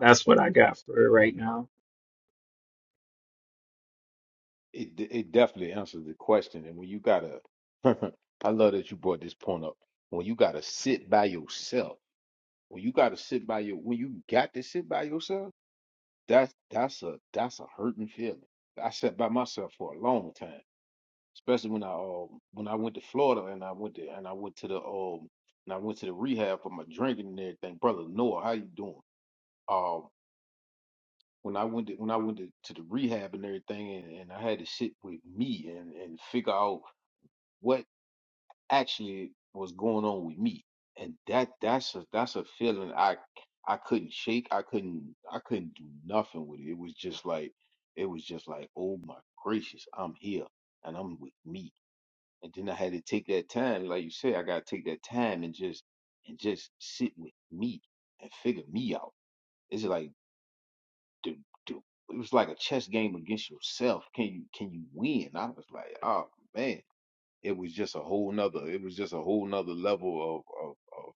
S5: that's what I got for it right now.
S1: It de- it definitely answers the question. And when you gotta, I love that you brought this point up. When you gotta sit by yourself, when you gotta sit by your, when you got to sit by yourself, that's that's a that's a hurting feeling. I sat by myself for a long time, especially when I um when I went to Florida and I went to and I went to the um and I went to the rehab for my drinking and everything. Brother Noah, how you doing? Um, when I went to, when I went to, to the rehab and everything, and, and I had to sit with me and and figure out. what actually was going on with me and that that's a that's a feeling i i couldn't shake i couldn't i couldn't do nothing with it it was just like it was just like oh my gracious i'm here and i'm with me and then i had to take that time like you said i gotta take that time and just and just sit with me and figure me out it's like do do it was like a chess game against yourself can you can you win i was like oh man it was just a whole nother it was just a whole nother level of, of, of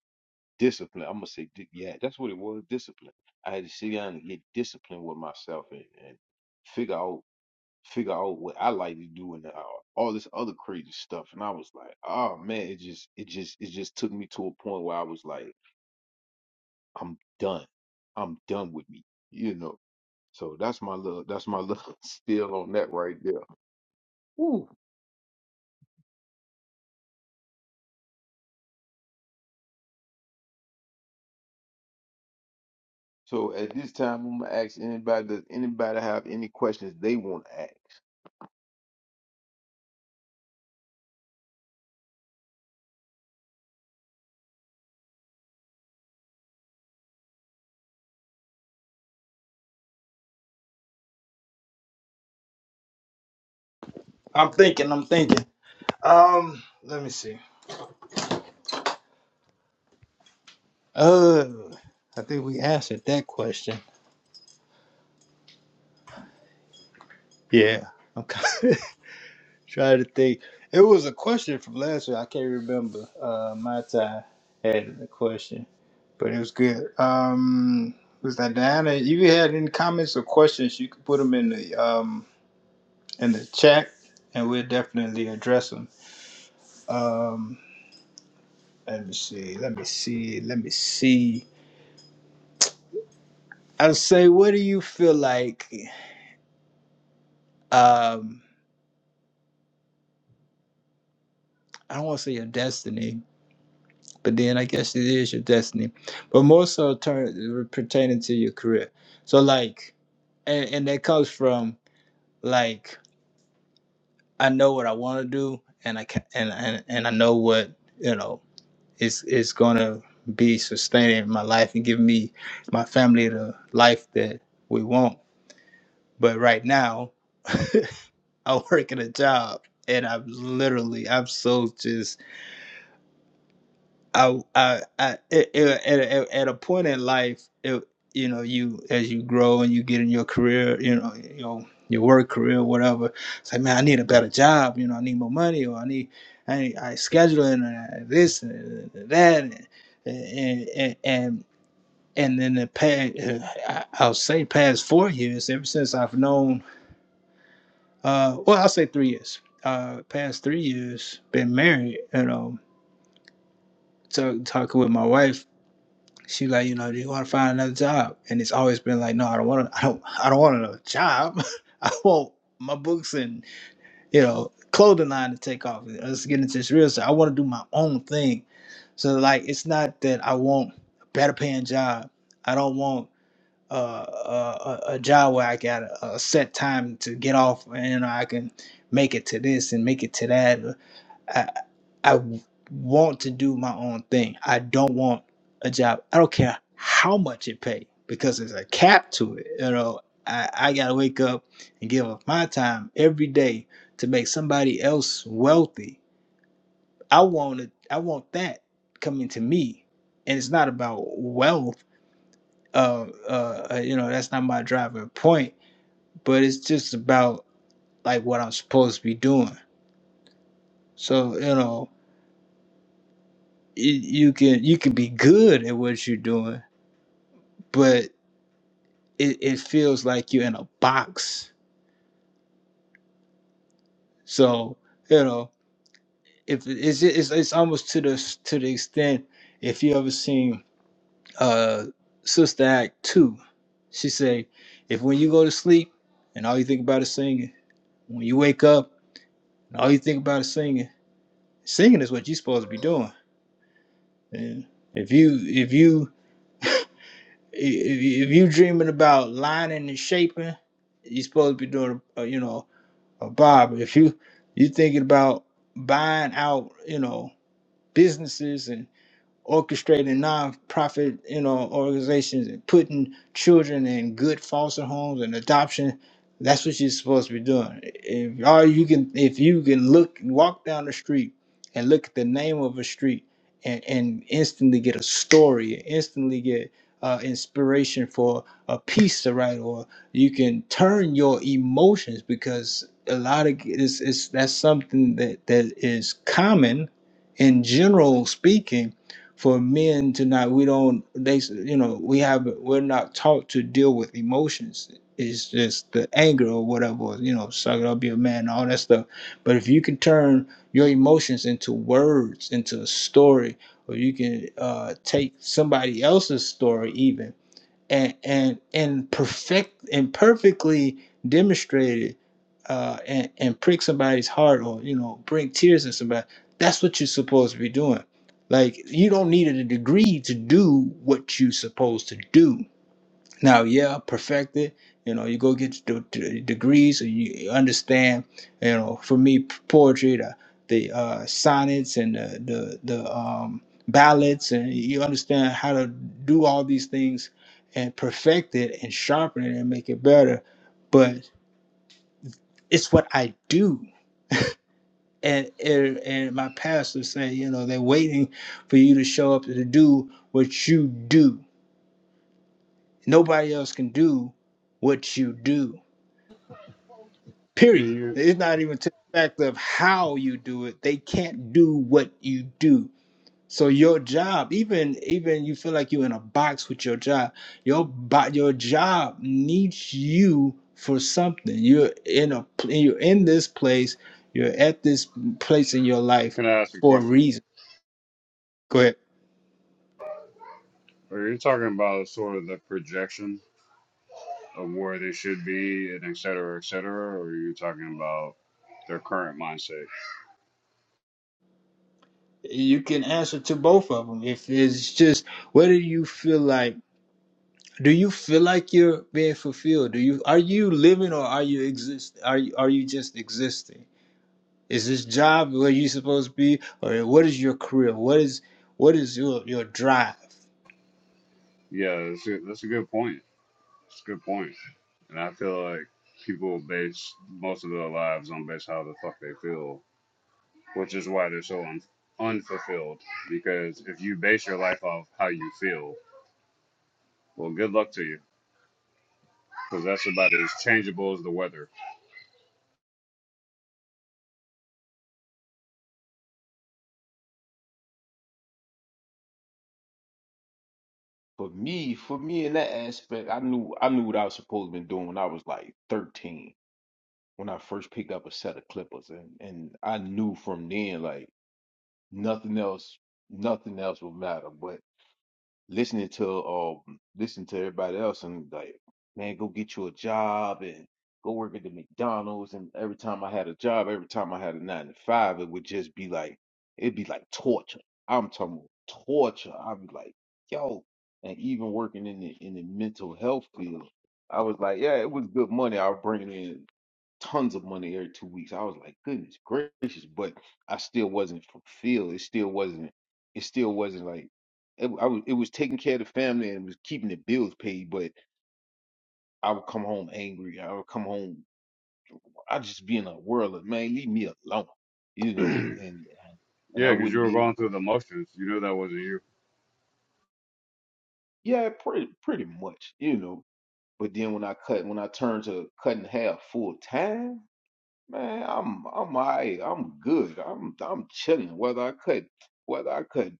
S1: discipline i'm gonna say di- yeah that's what it was discipline i had to sit down and get disciplined with myself and, and figure out figure out what i like to do and uh, all this other crazy stuff and i was like oh man it just it just it just took me to a point where i was like i'm done i'm done with me you know so that's my little that's my little spiel on that right there Woo. So at this time, I'm gonna ask anybody, does anybody have any questions they want to ask?
S2: I'm thinking. I'm thinking. Um, let me see. Oh, I think we answered that question. Yeah. Okay. Try to think. It was a question from last week. I can't remember. Uh, my time had a question, but it was good. Um, was that Diana? If you had any comments or questions, you could put them in the um in the chat, and we'll definitely address them. Um, let me see. Let me see. Let me see. I'll say, what do you feel like? Um, I don't want to say your destiny, but then I guess it is your destiny. But more so turn, pertaining to your career. So like, and, and that comes from like I know what I want to do, and I can, and, and and I know what you know is is gonna be sustaining my life and giving me my family the life that we want. But right now, I work in a job, and I'm literally I'm so just I, I, I it, it, at, at, at a point in life, it, you know, you as you grow and you get in your career, you know, you know, your work career, whatever. It's like, man, I need a better job. You know, I need more money, or I need, I, need, I schedule and uh, this and that, and and and. and and in the past, I- I'll say past four years, ever since I've known, uh, well, I'll say three years, uh, past three years, been married, you know, talk, talking with my wife, She like, you know, do you want to find another job? And it's always been like, no, I don't want to. I don't. I don't want another job. I want my books and you know clothing line to take off. Let's get into this real estate. I want to do my own thing. So like, it's not that I want a better paying job. I don't want uh, a, a job where I got a, a set time to get off and you know, I can make it to this and make it to that. I, I w- want to do my own thing. I don't want a job. I don't care how much it pay because there's a cap to it. You know, I, I gotta wake up and give up my time every day to make somebody else wealthy. I want it. I want that coming to me, and it's not about wealth. Uh, uh, uh, you know, that's not my driving point. But it's just about like what I'm supposed to be doing. So you know, you, you can you can be good at what you're doing but it, it feels like you're in a box. So you know, if it's it's, it's almost to the to the extent if you ever seen uh Sister Act two, she say if when you go to sleep and all you think about is singing, when you wake up and all you think about is singing, singing is what you're supposed to be doing. And if you if you if you if you dreaming about lining and shaping, you're supposed to be doing uh, you know Uh, Bob, if you you thinking about buying out, you know, businesses and orchestrating non-profit you know organizations and putting children in good foster homes and adoption that's what you're supposed to be doing if all you can if you can look walk down the street and look at the name of a street and, and instantly get a story instantly get uh, inspiration for a piece to write or you can turn your emotions because a lot of it's, it's that's something that that is common in general speaking for men tonight we don't they you know we have we're not taught to deal with emotions it's just the anger or whatever you know suck it up be a man all that stuff but if you can turn your emotions into words into a story or you can uh, take somebody else's story even and and and perfect and perfectly demonstrated uh, and and prick somebody's heart or you know bring tears in somebody. That's what you're supposed to be doing. Like you don't need a degree to do what you're supposed to do. Now, yeah, perfected. You know, you go get your de- de- degrees, and you you understand. You know, for me, p- poetry, the the uh, sonnets, and the the, the um, ballads, and you understand how to do all these things and perfect it and sharpen it and make it better. But it's what I do. And, and and my pastor said, you know, they're waiting for you to show up to do what you do. Nobody else can do what you do
S6: Do
S2: Period.
S6: you
S2: It's not even to the fact of how you do it. They can't do what you do. So your job, even even you feel like you're in a box with your job, your bo- your job needs you for something. You're in a pl- you're in this place. You're at this place in your life
S6: can I ask a
S2: for a
S6: question?
S2: reason. Go ahead.
S6: Are you talking about sort of the projection of where they should be and et cetera, et cetera, or are you talking about their current mindset?
S2: You can answer to both of them. If it's just what do you feel like? do you feel like you're being fulfilled do you are you living or are you exist are you, are you just existing is this job where you supposed to be or what is your career what is what is your your drive
S6: Yeah, that's a, that's a good point. It's a good point. And I feel like people base most of their lives on based how the fuck they feel, which is why they're so un- unfulfilled. Because if you base your life off how you feel, well, good luck to you, because that's about as changeable as the weather.
S1: For me, for me in that aspect, I knew I knew what I was supposed to be doing when I was like 13, when I first picked up a set of clippers, and and I knew from then like nothing else, nothing else would matter. but. listening to um listening to everybody else and like man go get you a job and go work at the McDonald's and every time I had a job every time I had a nine to five it would just be like it'd be like torture I'm talking about torture I'd be like yo and even working in the in the mental health field I was like yeah it was good money I was bringing in tons of money every two weeks I was like goodness gracious but I still wasn't fulfilled it still wasn't it still wasn't like it, I was, it was taking care of the family and was keeping the bills paid, but I would come home angry. I would come home. I'd just be in a whirl of, man, leave me alone, you know, and, and I
S6: Yeah, because you
S1: wouldn't
S6: were
S1: be able
S6: going through
S1: to,
S6: the motions. You knew that wasn't you
S1: yeah, pretty, pretty much, you know, but then when I cut, when I turned to cutting half full time, man, I'm, I'm, all right. I'm good. I'm, I'm chilling. Whether I cut, whether I cut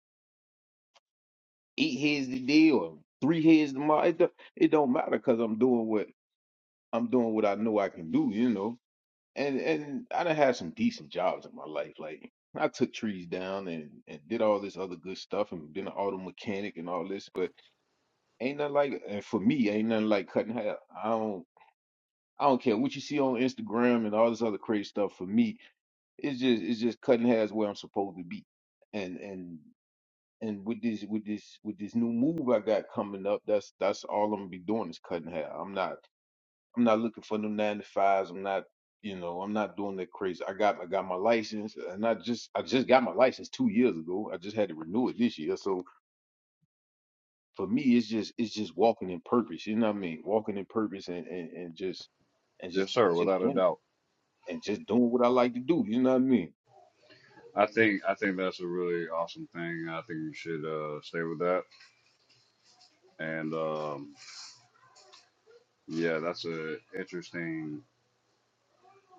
S1: eight heads today or three heads tomorrow, it, don't- it don't matter because I'm doing what, I'm doing what I know I can do, you know and and I done had some decent jobs in my life. Like I took trees down and and did all this other good stuff and been an auto mechanic and all this, but ain't nothing like and for me ain't nothing like cutting hair. I don't I don't care what you see on Instagram and all this other crazy stuff. For me, it's just it's just cutting hair is where I'm supposed to be, and and. And with this, with this, with this new move I got coming up, that's that's all I'm gonna be doing is cutting hair. I'm not. I'm not looking for no nine to fives. I'm not, you know, I'm not doing that crazy. I got I got my license and I just I just got my license two years ago. I just had to renew it this year. So for me it's just it's just walking in purpose. You know what I mean? Walking in purpose and, and, and just and just
S6: Yes, sir,
S1: just
S6: without a
S1: doing
S6: doubt.
S1: and just doing what I like to do. You know what I mean?
S6: I think I think that's a really awesome thing. I think you should uh, stay with that. And um, yeah, that's a interesting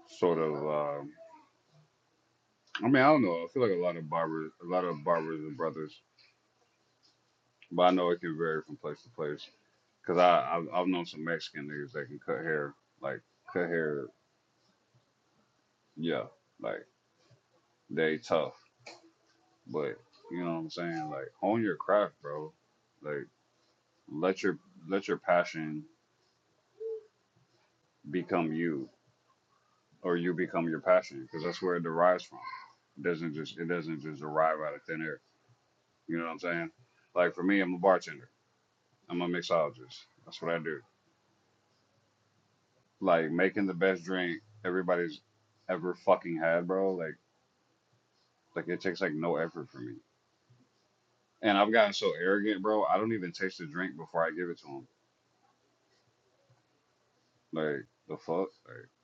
S6: sort of. Um, I mean, I don't know. I feel like a lot of barbers, a lot of barbers and brothers, but I know it can vary from place to place. Cause I I've, I've known some Mexican niggas that can cut hair, like cut hair, yeah, like they tough. But you know what I'm saying? Like own your craft, bro. Like let your let your passion become you or you become your passion because that's where it derives from. It doesn't just it doesn't just arrive out of thin air. You know what I'm saying? Like for me, I'm a bartender. I'm a mixologist. That's what I do. Like making the best drink everybody's ever fucking had, bro. Like like it takes like no effort for me. And I've gotten so arrogant, bro. I don't even taste the drink before I give it to them. Like the fuck, like,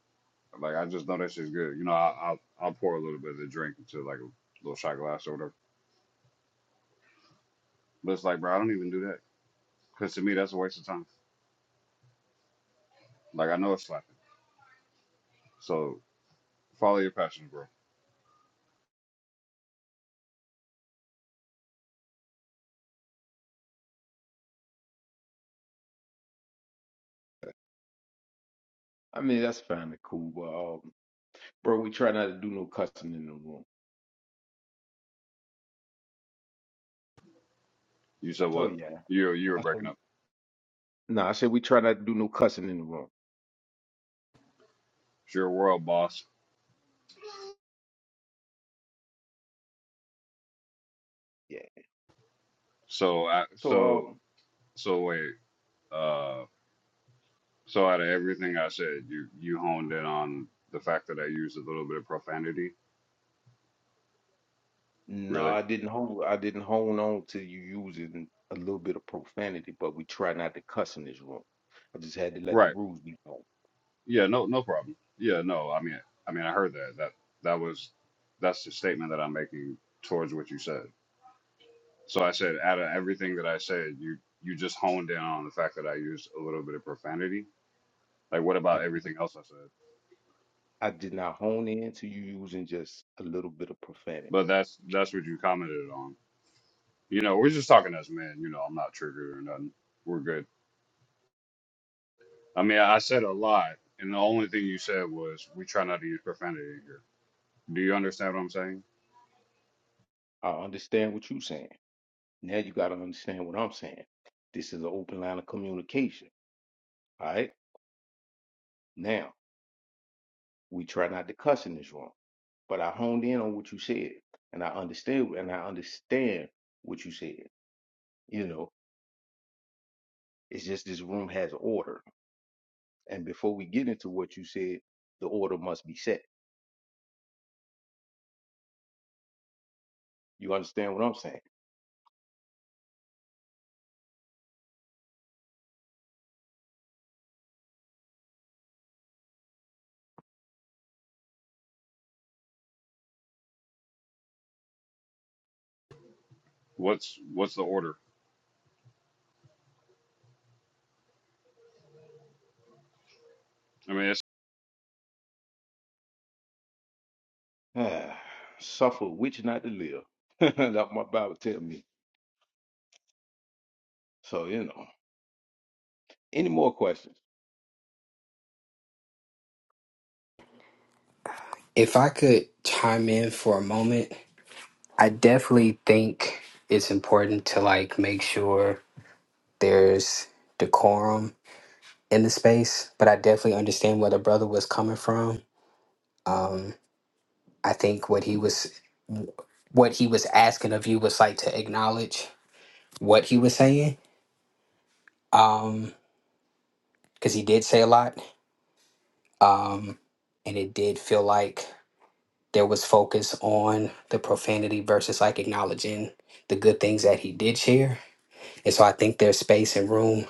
S6: like I just know that shit's good. You know, I, I'll I'll pour a little bit of the drink into like a little shot glass or whatever. But it's like, bro, I don't even do that because to me that's a waste of time. Like I know it's slapping. So follow your passions, bro.
S1: I mean that's fine and cool, but um bro, we try not to do no cussing in the room.
S6: You said
S1: So
S6: what?
S1: yeah.
S6: You you were
S1: I
S6: breaking
S1: said
S6: up.
S1: no, I said we try not to do no cussing in the room.
S6: It's your world, boss.
S1: Yeah.
S6: So I
S1: So
S6: so
S1: um,
S6: so wait. Uh, so out of everything I said, you you honed in on the fact that I used a little bit of profanity.
S1: No,
S6: Really?
S1: I didn't hold. I didn't hold on to you using a little bit of profanity, but we try not to cuss in this room. I just had to let the
S6: Right.
S1: rules be known.
S6: Yeah. No. No problem. Yeah. No. I mean. I mean. I heard that. That that was that's the statement that I'm making towards what you said. So I said out of everything that I said, you you just honed in on the fact that I used a little bit of profanity Like, what
S1: I
S6: about
S1: did.
S6: everything else I said?
S1: I did not hone in to you using just a little bit of profanity.
S6: But that's that's what you commented on. You know, we're just talking as men. You know, I'm not triggered or nothing. We're good. I mean, I said a lot, and the only thing you said was we try not to use profanity in here. Do you understand what I'm saying?
S1: I understand what you're saying. Now you got to understand what I'm saying. This is an open line of communication. All right. Now we try not to cuss in this room, but I honed in on what you said, and I understand. And I understand what you said. You know, it's just this room has order And before we get into what you said, the order must be set. You understand what I'm
S6: What's what's the order? I mean, it's
S1: saying? Suffer which not to live. That's my Bible tell me. So, you know. Any more questions?
S4: If I could chime in for a moment, I definitely think it's important to like make sure there's decorum in the space, but I definitely understand where the brother was coming from. Um, I think what he was what he was asking of you was like to acknowledge what he was saying, um, because he did say a lot, um, and it did feel like there was focus on the profanity versus like acknowledging the good things that he did share. And so I think there's space and room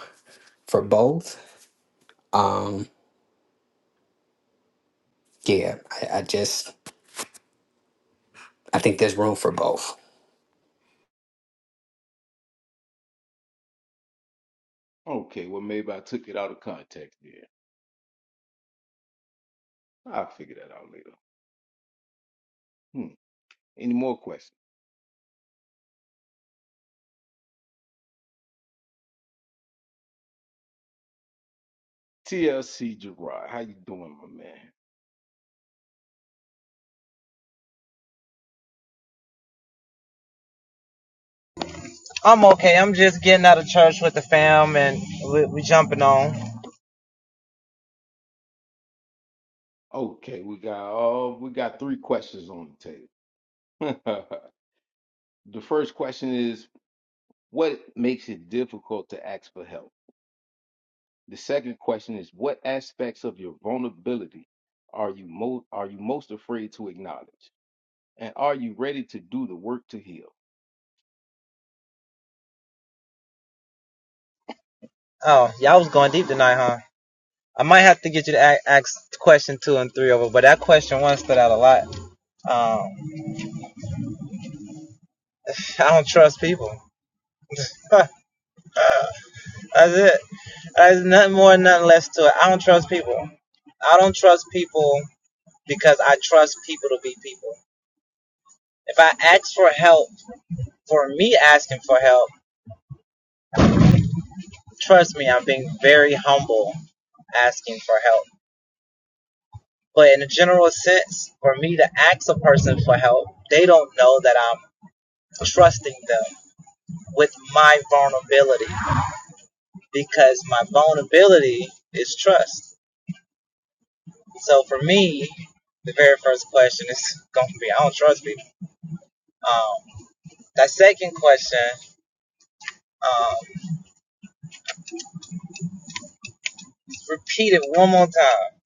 S4: for both. Um, yeah, I, I just I think there's room for both.
S1: Okay, well, maybe I took it out of context there. I'll figure that out later. Hmm. Any more questions? TLC Gerard, how you doing, my man?
S7: I'm okay. I'm just getting out of church with the fam and we, we jumping on.
S1: Okay, we got all we got three questions on the table. the first question is, what makes it difficult to ask for help? The second question is what aspects of your vulnerability are you most are you most afraid to acknowledge? And are you ready to do the work to heal?
S7: Oh, y'all was going deep tonight, huh? I might have to get you to a- ask question two and three over, but that question one stood out a lot. Um, I don't trust people. That's it. There's nothing more, nothing less to it. I don't trust people. I don't trust people because I trust people to be people. If I ask for help, for me asking for help, trust me, I'm being very humble asking for help But in a general sense, for me to ask a person for help, they don't know that I'm trusting them with my vulnerability because my vulnerability is trust. So for me, the very first question is going to be I don't trust people. Um, that second question, um, repeat it one more time,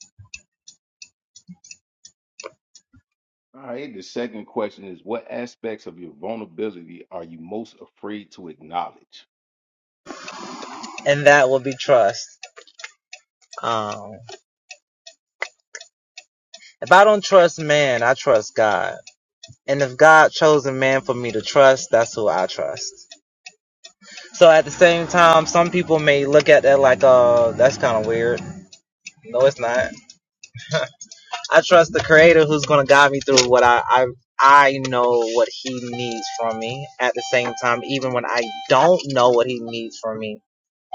S1: All right, the second question is what aspects of your vulnerability are you most afraid to acknowledge?
S7: and that will be trust. Um, if I don't trust man, I trust God. And if God chose a man for me to trust, that's who I trust. So at the same time, some people may look at that like, uh, that's kind of weird. No, it's not. I trust the creator who's going to guide me through what I, I, I know what he needs from me. At the same time, even when I don't know what he needs from me,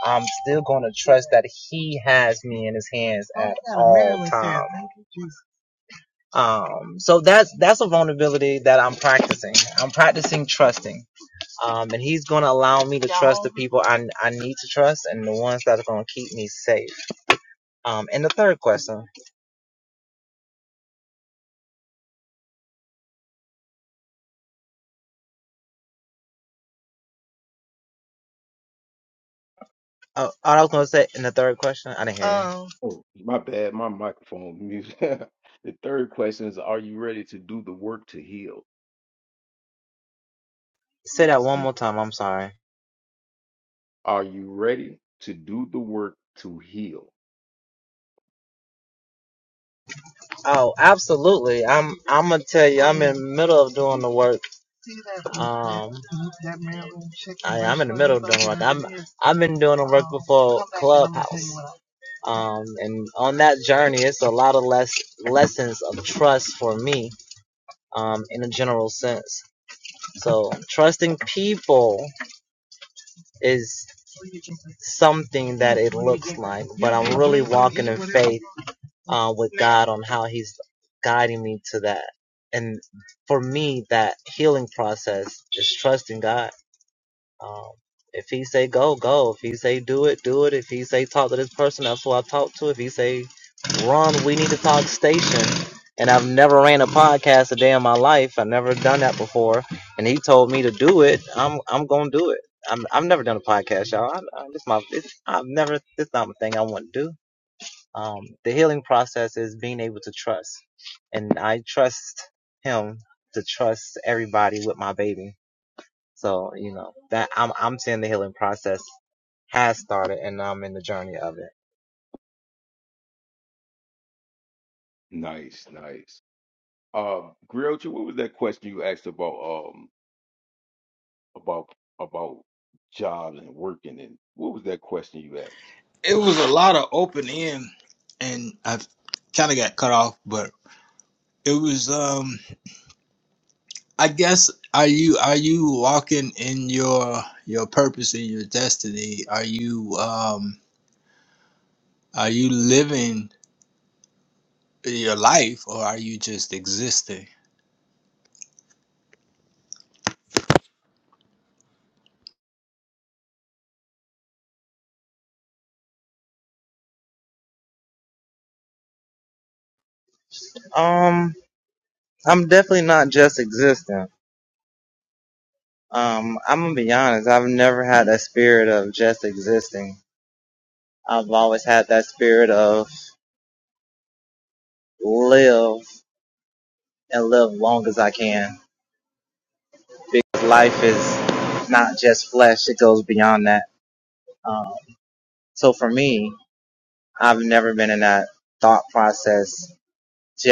S7: I'm still going to trust that he has me in his hands Oh, at yeah, all Maryland times. Um, so that's, that's a vulnerability that I'm practicing. I'm practicing trusting. Um, and he's going to allow me to trust the people I, I need to trust and the ones that are going to keep me safe. Um, and the third question. Oh, oh, I was going to say in the third question, I didn't hear you.
S1: Oh, my bad, my microphone mute. the third question is are you ready to do the work to heal?
S7: Say that one more time. I'm sorry.
S1: Are you ready to do the work to heal?
S7: Oh, absolutely. I'm, I'm going to tell you, I'm in the middle of doing the work. Um, I, am in the middle of doing the work. I'm, I've been doing the work before Clubhouse. Um, and on that journey, it's a lot of less lessons of trust for me um, in a general sense. So trusting people is something that it looks like, but I'm really walking in faith uh, with God on how He's guiding me to that. And for me, that healing process is trusting God Um, if he say go, go. If he say do it, do it. If he say talk to this person, that's who I talk to. If he say run, we need to talk station. And I've never ran a podcast a day in my life. I've never done that before. And he told me to do it. I'm I'm gonna do it. I'm I've never done a podcast, y'all. I, I, this my this, I've never this not my thing I want to do. Um, the healing process is being able to trust, and I trust him to trust everybody with my baby so, you know, that I'm I'm saying the healing process has started and I'm in the journey of it.
S1: Nice, nice. Um, Griocha, what was that question you asked about? um, about about jobs and working and what was that question you asked?
S2: it was a lot of open end and i kind of got cut off but it was um i guess are you are you walking in your your purpose and your destiny are you um are you living your life or are you just existing
S7: Um, I'm definitely not just existing. Um, I'm gonna be honest, I've never had that spirit of just existing. I've always had that spirit of live and live long as I can. Because life is not just flesh, it goes beyond that. Um, so for me, I've never been in that thought process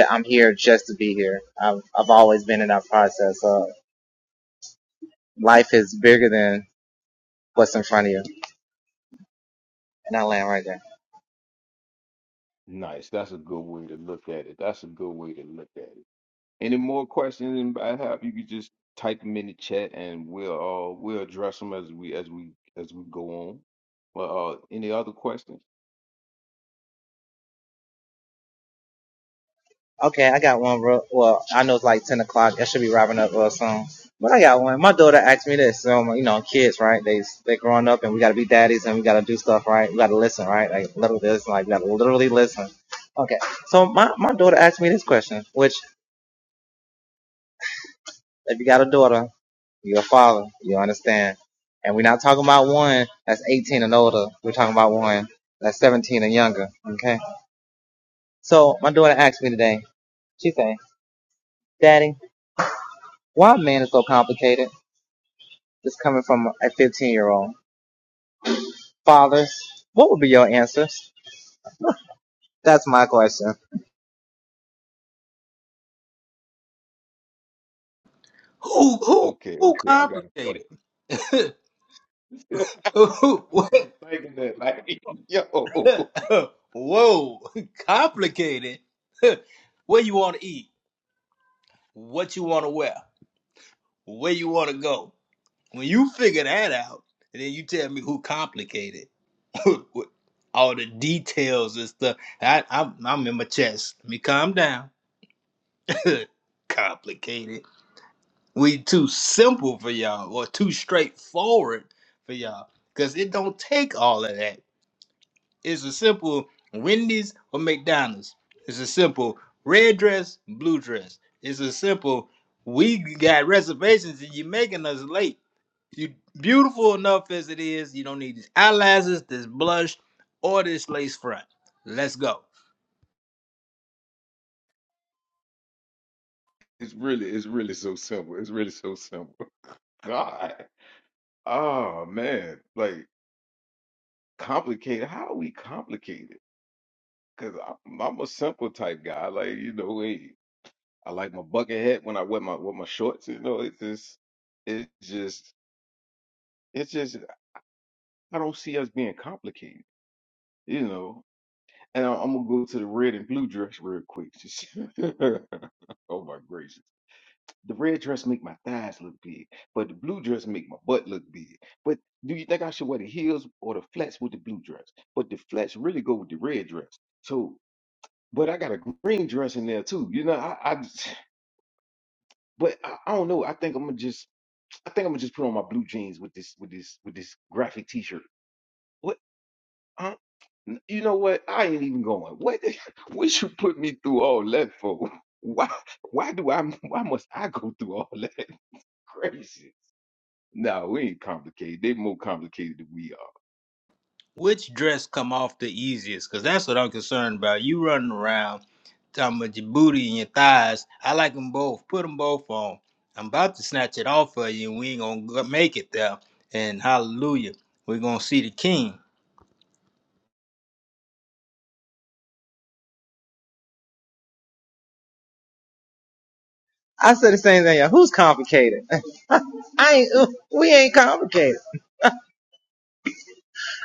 S7: I'm here just to be here. I've, I've always been in that process. Uh, life is bigger than what's in front of you. And I land right there.
S1: Nice. That's a good way to look at it. That's a good way to look at it. Any more questions I have, you can just type them in the chat and we'll uh we'll address them as we as we as we go on. But uh any other questions?
S7: Okay, I got one real, well, I know it's like 10 o'clock. I should be wrapping up real soon. But I got one. My daughter asked me this. Um, you know, kids, right? They, they are growing up and we gotta be daddies and we gotta do stuff, right? We gotta listen, right? Like, literally listen, like, we gotta literally listen. Okay. So my, my daughter asked me this question, which, if you got a daughter, You're a father. You understand. And we're not talking about one that's 18 and older. We're talking about one that's 17 and younger. Okay. So my daughter asked me today, she said, Daddy, why man is so complicated? This coming from a 15 year old. Fathers, what would be your answers? That's my question.
S2: Who who
S1: Okay,
S2: who
S1: okay, I got a question.
S2: complicated?
S1: I
S2: Who-
S1: was just
S2: what-
S1: thinking that like yo
S2: Whoa, complicated. Where you want to eat? What you want to wear? Where you want to go? When you figure that out, and then you tell me who complicated. With All the details and stuff. I, I'm, I'm in my chest. Let me calm down. complicated. We too simple for y'all, or too straightforward for y'all, because it don't take all of that. It's a simple Wendy's or McDonald's. It's a simple red dress, blue dress. It's a simple we got reservations and you're making us late. You beautiful enough as it is. You don't need these eyelashes, this blush, or this lace front. Let's go.
S1: it's really it's really so simple. It's really so simple. God. Oh man. Like complicated. How are we complicated? Because I'm, I'm a simple type guy. Like you know, hey, I like my bucket hat when I wear my with my shorts. You know, it's just, it's just, it's just. I don't see us being complicated. You know, and I, I'm gonna go to the red and blue dress real quick. Just- oh my gracious, the red dress make my thighs look big, but the blue dress make my butt look big. But do you think I should wear the heels or the flats with the blue dress? But the flats really go with the red dress. So But I got a green dress in there too. You know, I, I but I, I don't know. I think I'm gonna just I think I'm gonna just put on my blue jeans with this with this with this graphic t-shirt. What huh? N- you know what? I ain't even going. What the- what you put me through all that for? Why why do I why must I go through all that crazy? No, we ain't complicated. They more complicated than we are.
S2: Which dress come off the easiest? Cause that's what I'm concerned about. You running around talking about your booty and your thighs. I like them both. Put them both on. I'm about to snatch it off of you, and we ain't gonna make it there. And hallelujah, we're gonna see the King.
S7: I said the same thing. yeah, Who's complicated? I ain't, we ain't complicated.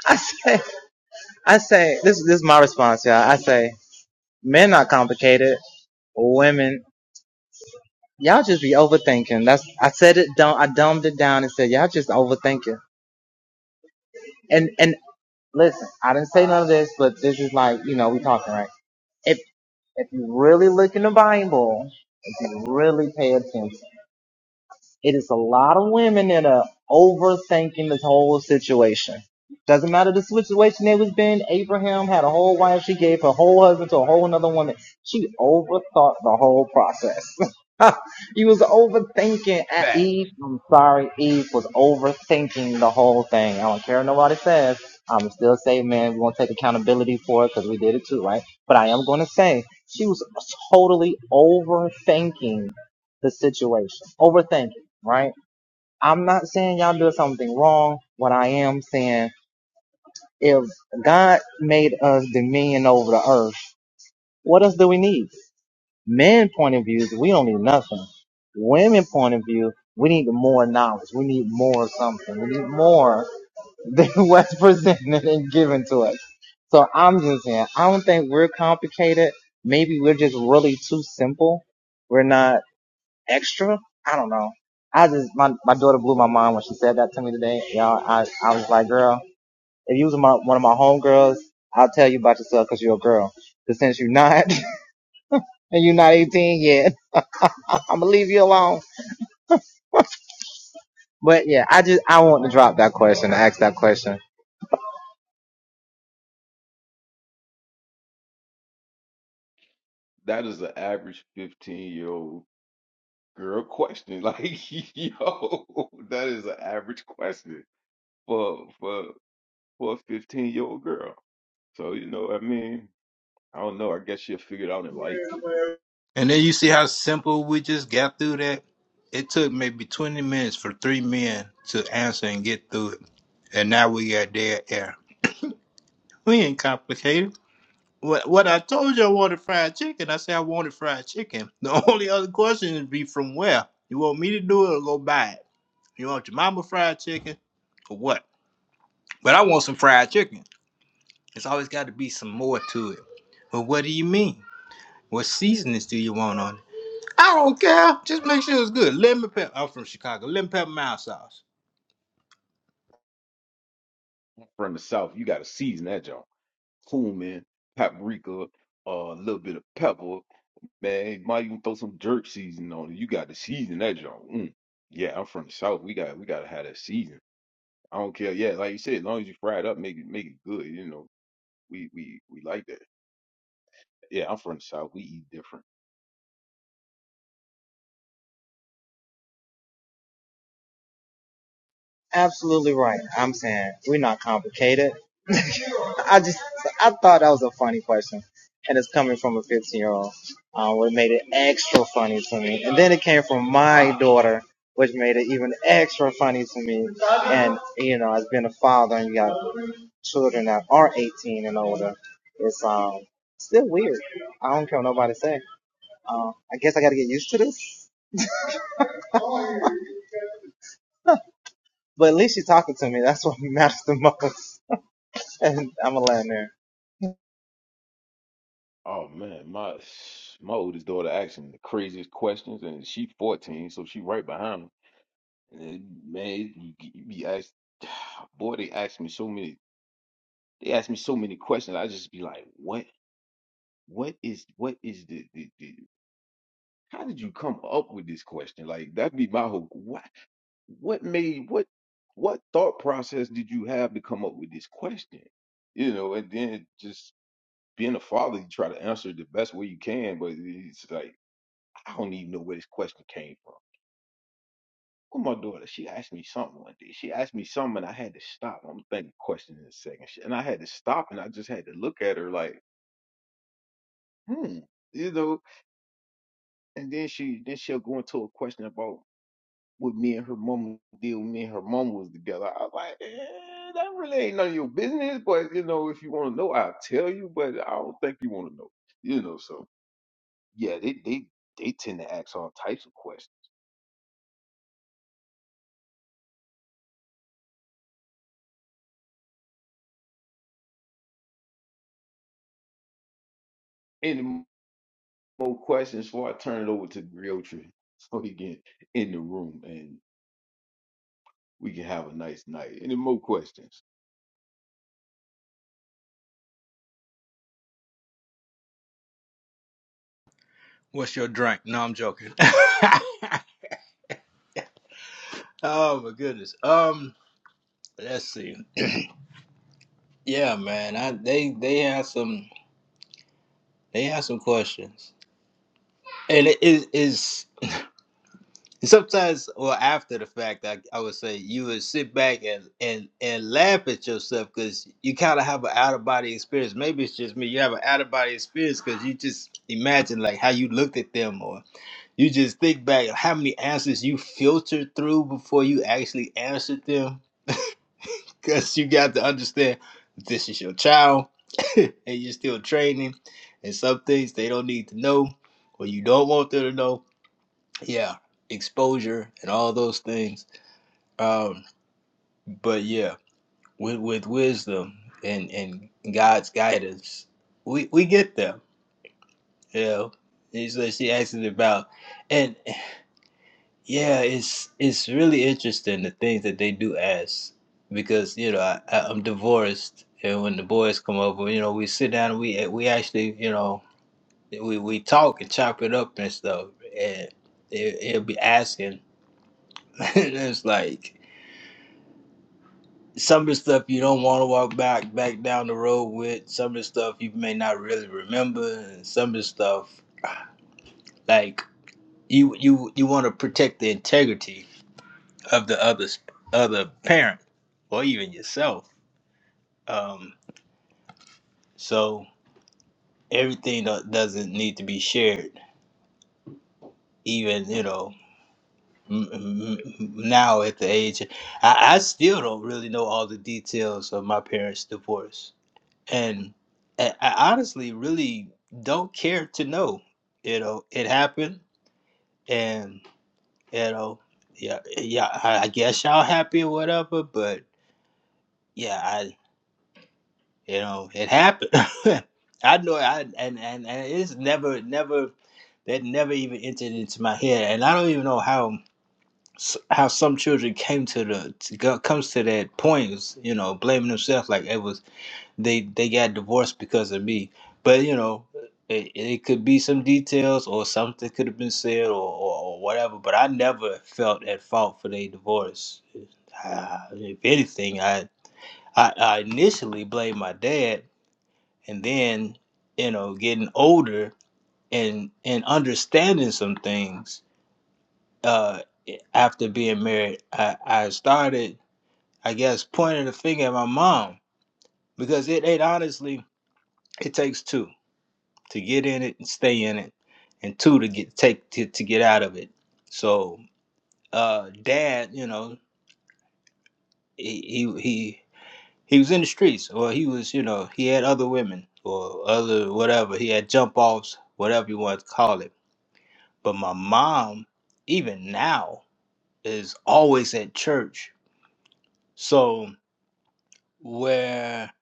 S7: I say, I say, this, this is my response, y'all. I say, men not complicated. Women Y'all just be overthinking. That's I said it. Dumb, I dumbed it down and said y'all just overthinking. And and listen, I didn't say none of this, but this is like you know we talking right. If if you really look in the Bible, if you really pay attention, It is a lot of women that are overthinking this whole situation. Doesn't matter the situation it was been. Abraham had a whole wife. She gave her whole husband to a whole another woman. She overthought the whole process. he was overthinking. uh,
S1: Fact.
S7: Eve, I'm sorry, Eve was overthinking the whole thing. I don't care nobody says. I'm still saying, man, we're gonna take accountability for it because we did it too, right? But I am gonna say she was totally overthinking the situation. Overthinking right? I'm not saying y'all do something wrong. What I am saying, if God made us dominion over the earth, what else do we need? Men point of views, we don't need nothing. Women point of view, we need more knowledge. We need more something. We need more than what's presented and given to us. So I'm just saying, I don't think we're complicated. Maybe we're just really too simple. We're not extra. I don't know. I just my my daughter blew my mind when she said that to me today, y'all. I I was like, girl, if you was my, one of my homegirls, I'll tell you about yourself because 'cause you're a girl. But since you're not and you're not 18 yet, I'm gonna leave you alone. But yeah, I just I want to drop that question, to ask that question.
S1: That is an average 15 year old girl question. Like, yo, that is an average question for for for a 15 year old girl. So you know, I mean, I don't know. I guess she'll figure it out in life.
S2: And then you see how simple we just got through that. It took maybe 20 minutes for three men to answer and get through it. And now we got dead air. We ain't complicated. What what I told you I wanted fried chicken. I said I wanted fried chicken. The only other question would be from where? You want me to do it or go buy it? You want your mama fried chicken or what? But I want some fried chicken. It's always got to be some more to it. But what do you mean? What seasonings do you want on it? I don't care. Just make sure it's good. Lemon pepper. I'm from Chicago. Lemon pepper mild sauce.
S1: From the south, you got to season that junk. Cumin, paprika, uh, a little bit of pepper. Man, you might even throw some jerk seasoning on it. You got to season that junk. Mm. Yeah, I'm from the south. We got we got to have that season. I don't care. Yeah, like you said, as long as you fry it up, make it make it good. You know, we we we like that. Yeah, I'm from the south. We eat different.
S7: Absolutely right. I'm saying we're not complicated. I just I thought that was a funny question, and it's coming from a 15 year old, uh, what made it extra funny to me. And then it came from my daughter, which made it even extra funny to me. And you know, as being a father and you got children that are 18 and older, it's um still weird. I don't care what nobody say. Uh, I guess I got to get used to this. But at least she's talking to me. That's what matters the most. And I'm a land there.
S1: Oh man, my my oldest daughter asking the craziest questions, and she 14, so she right behind them. And then, man, you, you be asked, boy, they ask me so many, they ask me so many questions. I just be like, what, what is, what is the, the, the how did you come up with this question? Like that'd be my whole, what, what made, what, what thought process did you have to come up with this question? You know, and then just being a father, you try to answer the best way you can, but it's like. I don't even know where this question came from. Well, my daughter, she asked me something one day. She asked me something, and I had to stop. I'm thinking question in a second, She- and I had to stop, and I just had to look at her like, hmm, you know. And then she, then she'll go into a question about what me and her mom did when me and her mom was together. I was like, eh, that really ain't none of your business, but you know, if you want to know, I'll tell you. But I don't think you want to know, you know. So yeah, they they they tend to ask all types of questions. And more questions before I turn it over to Griotri so he can in the room and we can have a nice night. Any more questions?
S2: What's your drink? No, I'm joking. oh my goodness. Um, let's see. Yeah, man. I they they have some. They have some questions, and it is is sometimes or after the fact. I, I would say you would sit back and and and laugh at yourself because you kind of have an out of body experience. Maybe it's just me. You have an out of body experience because you just imagine like how you looked at them, or you just think back how many answers you filtered through before you actually answered them because you got to understand this is your child and you're still training and some things they don't need to know or you don't want them to know yeah exposure and all those things um but yeah with with wisdom and and god's guidance we we get them you know he says she asked about and. Yeah, it's it's really interesting the things that they do ask because you know I, I, I'm divorced and when the boys come over, you know we sit down and we eh, we actually you know we we talk and chop it up and stuff and it, it'll be asking and it's like some of the stuff you don't want to walk back back down the road with some of the stuff you may not really remember and some of the stuff like you you you want to protect the integrity of the other other parent or even yourself. Um, so everything do- doesn't need to be shared. Even you know m- m- now at the age, I, I still don't really know all the details of my parents' divorce, and I, I honestly really don't care to know. You know, it happened, and you know, yeah, yeah. I, I guess y'all happy or whatever, but yeah, I. you know it happened i know i and, and and it's never never that never even entered into my head and i don't even know how s- how some children came to the to go, comes to that point is, you know blaming themselves like it was they they got divorced because of me but you know it, it could be some details or something could have been said or, or, or whatever but i never felt at fault for their divorce uh, if anything i I, I initially blamed my dad and then you know getting older and and understanding some things uh after being married i i started i guess pointing the finger at my mom because it, it honestly it takes two to get in it and stay in it and two to get take to, to get out of it so uh dad you know he he he he was in the streets or he was you know he had other women or other whatever he had jump offs whatever you want to call it But my mom, even now, is always at church. So where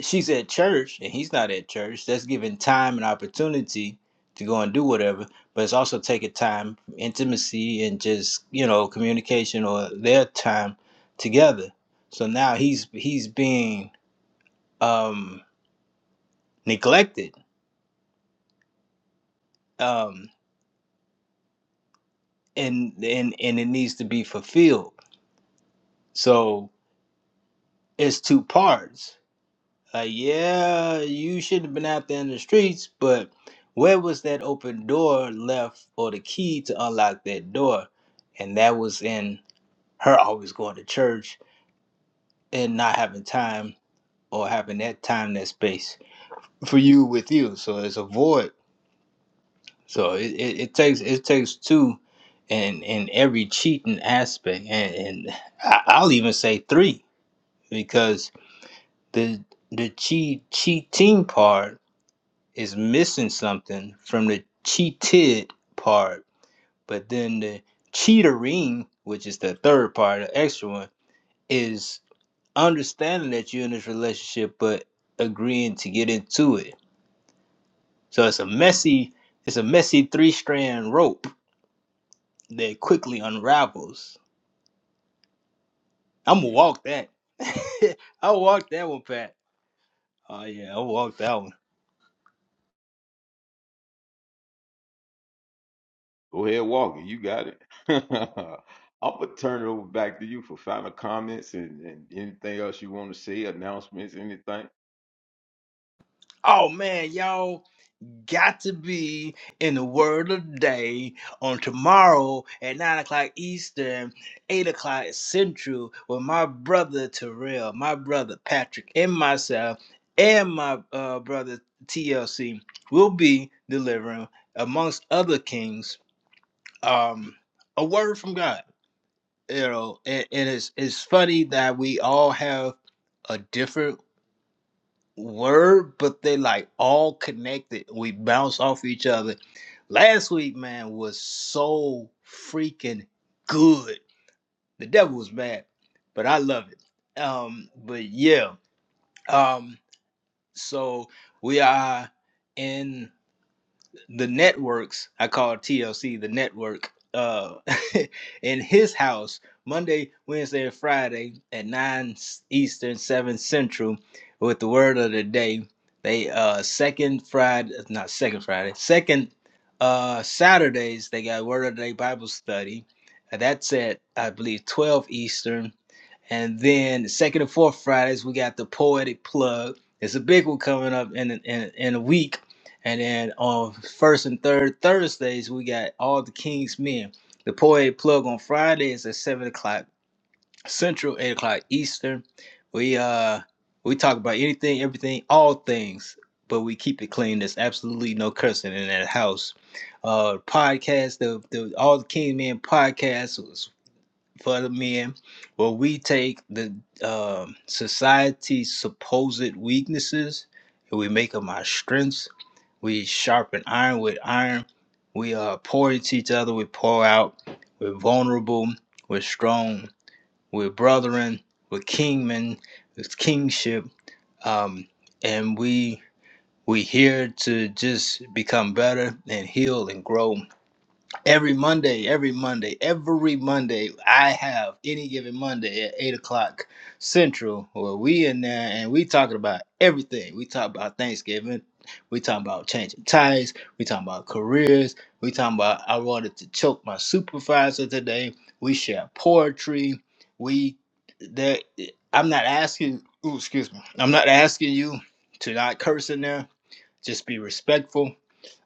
S2: she's at church and he's not at church, that's giving time and opportunity to go and do whatever. But it's also taking time, intimacy, and just you know communication or their time together. So now he's he's being um, neglected, um, and and and it needs to be fulfilled. So it's two parts Like yeah, you shouldn't have been out there in the streets, but where was that open door left or the key to unlock that door? And that was in her always going to church and not having time or having that time, that space for you with you. So it's a void. So it, it, it takes it takes two in in every cheating aspect and, and I- I'll even say three because the the cheat cheating part is missing something from the cheated part, but then the cheatering, which is the third part, the extra one, is understanding that you're in this relationship but agreeing to get into it. So it's a messy, it's a messy three strand rope that quickly unravels. I'm gonna walk that. I'll walk that one, Pat. Oh yeah, I'll walk that one.
S1: Go ahead, Walker. You got it. I'm gonna turn it over back to you for final comments and, and anything else you want to say, announcements, anything.
S2: Oh man, y'all. got to be in the word of the day on tomorrow at 9 o'clock Eastern, 8 o'clock Central with my brother Terrell, my brother Patrick, and myself, and my uh, brother TLC will be delivering, amongst other kings, um, a word from God. You know, and, and it's, it's funny that we all have a different word, but they like all connected. We bounce off each other. Last week, man, was so freaking good. The devil was mad, but I love it. Um, but yeah, um, so we are in the networks i call tlc the network uh in his house monday wednesday and friday at 9 eastern 7 central with the word of the day they uh second friday not second friday second uh saturdays they got word of the day bible study that's at i believe 12 eastern and then the second and fourth Fridays, we got the poetic plug. It's a big one coming up in in, in a week. And then on first and third Thursdays, we got all the King's Men. The poetic plug on Fridays at seven o'clock Central, eight o'clock Eastern. We uh we talk about anything, everything, all things, but we keep it clean. There's absolutely no cursing in that house. Uh, podcast, the, the all the King Men podcast for the men where we take the um society's supposed weaknesses and we make them our strengths we sharpen iron with iron we uh, pour into each other we pour out we're vulnerable we're strong we're brethren we're kingmen It's kingship um, and we we here to just become better and heal and grow Every Monday, every Monday, every Monday, I have any given Monday at eight o'clock Central, where we in there and we talking about everything. We talk about Thanksgiving, we talking about changing ties, we talking about careers, we talking about I wanted to choke my supervisor today. We share poetry. We there. I'm not asking. Ooh, excuse me. I'm not asking you to not curse in there. Just be respectful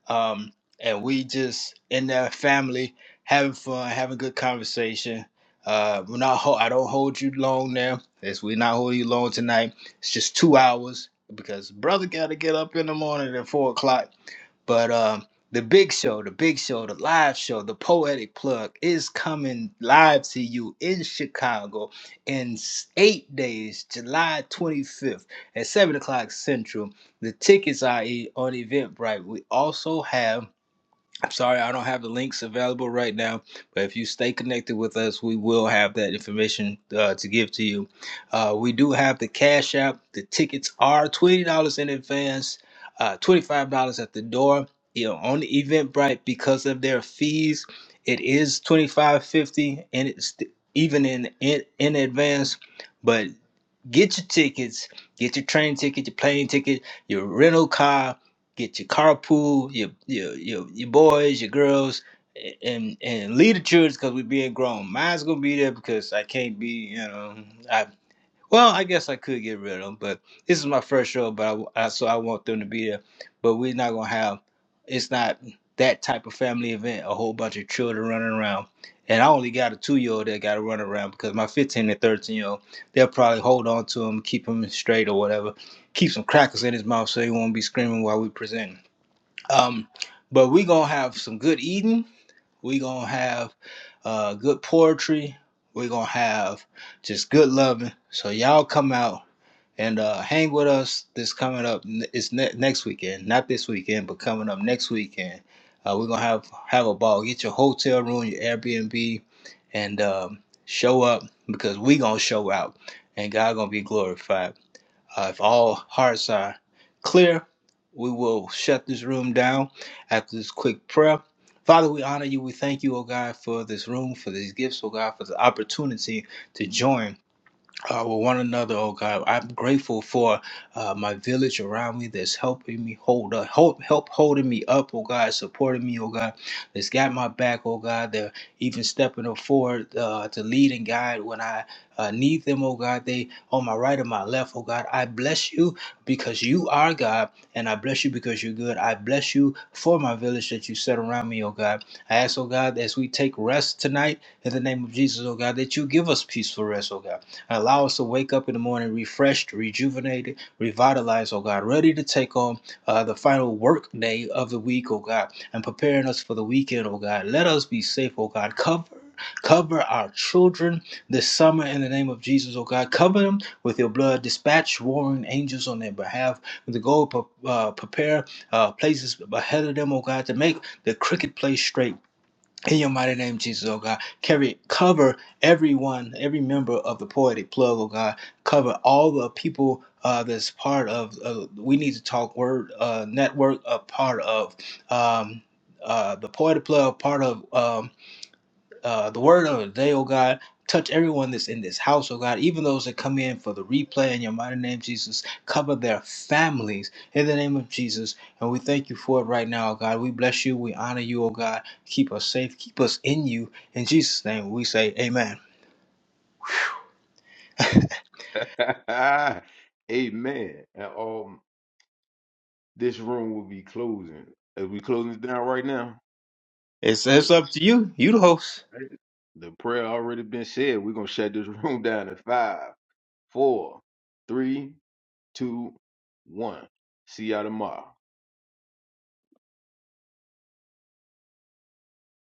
S2: um, and we just in that family having fun, having good conversation. Uh, we're not. Ho- I don't hold you long now. As we're not holding you long tonight. It's just two hours because brother got to get up in the morning at four o'clock but um, the big show, the big show, the live show, the poetic plug is coming live to you in Chicago in s- eight days, July 25th at 7 o'clock Central. The tickets are e- on Eventbrite. We also have I'm sorry, I don't have the links available right now, but if you stay connected with us, we will have that information uh, to give to you. Uh, we do have the Cash App. The tickets are $20 in advance, uh, $25 at the door. You know, on the Eventbrite, because of their fees, it is $25.50 and it's th- even in, in, in advance. Get your tickets, get your train ticket, your plane ticket, your rental car, get your carpool, your your your, your boys, your girls, and and lead the church because we're being grown. Mine's gonna be there because I can't be, you know, I. Well, I guess I could get rid of them, but this is my first show, but I, w- I- so I want them to be there. But we're not gonna have. It's not that type of family event. A whole bunch of children running around, and I only got a two-year-old that got to run around because my 15 and 13-year-old, they'll probably hold on to him, keep him straight or whatever, keep some crackers in his mouth so he won't be screaming while we present. Um, but we gonna have some good eating we gonna have uh, good poetry. We're gonna have just good loving. So y'all come out and uh, hang with us. This coming up, it's ne- next weekend, not this weekend, but coming up next weekend. Uh, we're gonna have have a ball. Get your hotel room, your Airbnb, and um, show up because we gonna show out, and God gonna be glorified. Uh, if all hearts are clear, we will shut this room down after this quick prayer. Father, we honor you. We thank you, oh God, for this room, for these gifts, oh God, for the opportunity to join uh, with one another, oh God. I'm grateful for uh, my village around me that's helping me hold up, help, help holding me up, oh God, supporting me, oh God, that's got my back, oh God. They're even stepping up forward uh, to lead and guide when I uh, need them, oh God. They on my right and my left, oh God. I bless you because you are God, and I bless you because you're good. I bless you for my village that you set around me, oh God. I ask, oh God, as we take rest tonight in the name of Jesus, oh God, that you give us peaceful rest, oh God and allow us to wake up in the morning refreshed, rejuvenated, revitalized, oh God, ready to take on uh, the final work day of the week, oh God, and preparing us for the weekend, oh God. Let us be safe, oh God. Cover. Cover our children this summer in the name of Jesus, oh God. Cover them with your blood. Dispatch warring angels on their behalf to go pre- uh, prepare uh, places ahead of them, oh God, to make the cricket place straight in your mighty name, Jesus, oh God, carry, cover everyone, every member of the Poetic Plug, oh God, cover all the people uh, that's part of, uh, we need to talk word uh, network, a part of um, uh, the Poetic Plug, part of. um, uh, the word of the day, oh God. Touch everyone that's in this house, oh God, even those that come in for the replay in your mighty name, Jesus. Cover their families in the name of Jesus. And we thank you for it right now, oh God. We bless you. We honor you, oh God. Keep us safe. Keep us in you. In Jesus' name, we say amen.
S1: Amen. And um, this room will be closing. As we closing it down right now,
S2: It's,
S1: Uh,
S2: it's
S1: the,
S2: up to you. You the host.
S1: the prayer already been said. We're gonna shut this room down in five, four, three, two, one. See y'all tomorrow.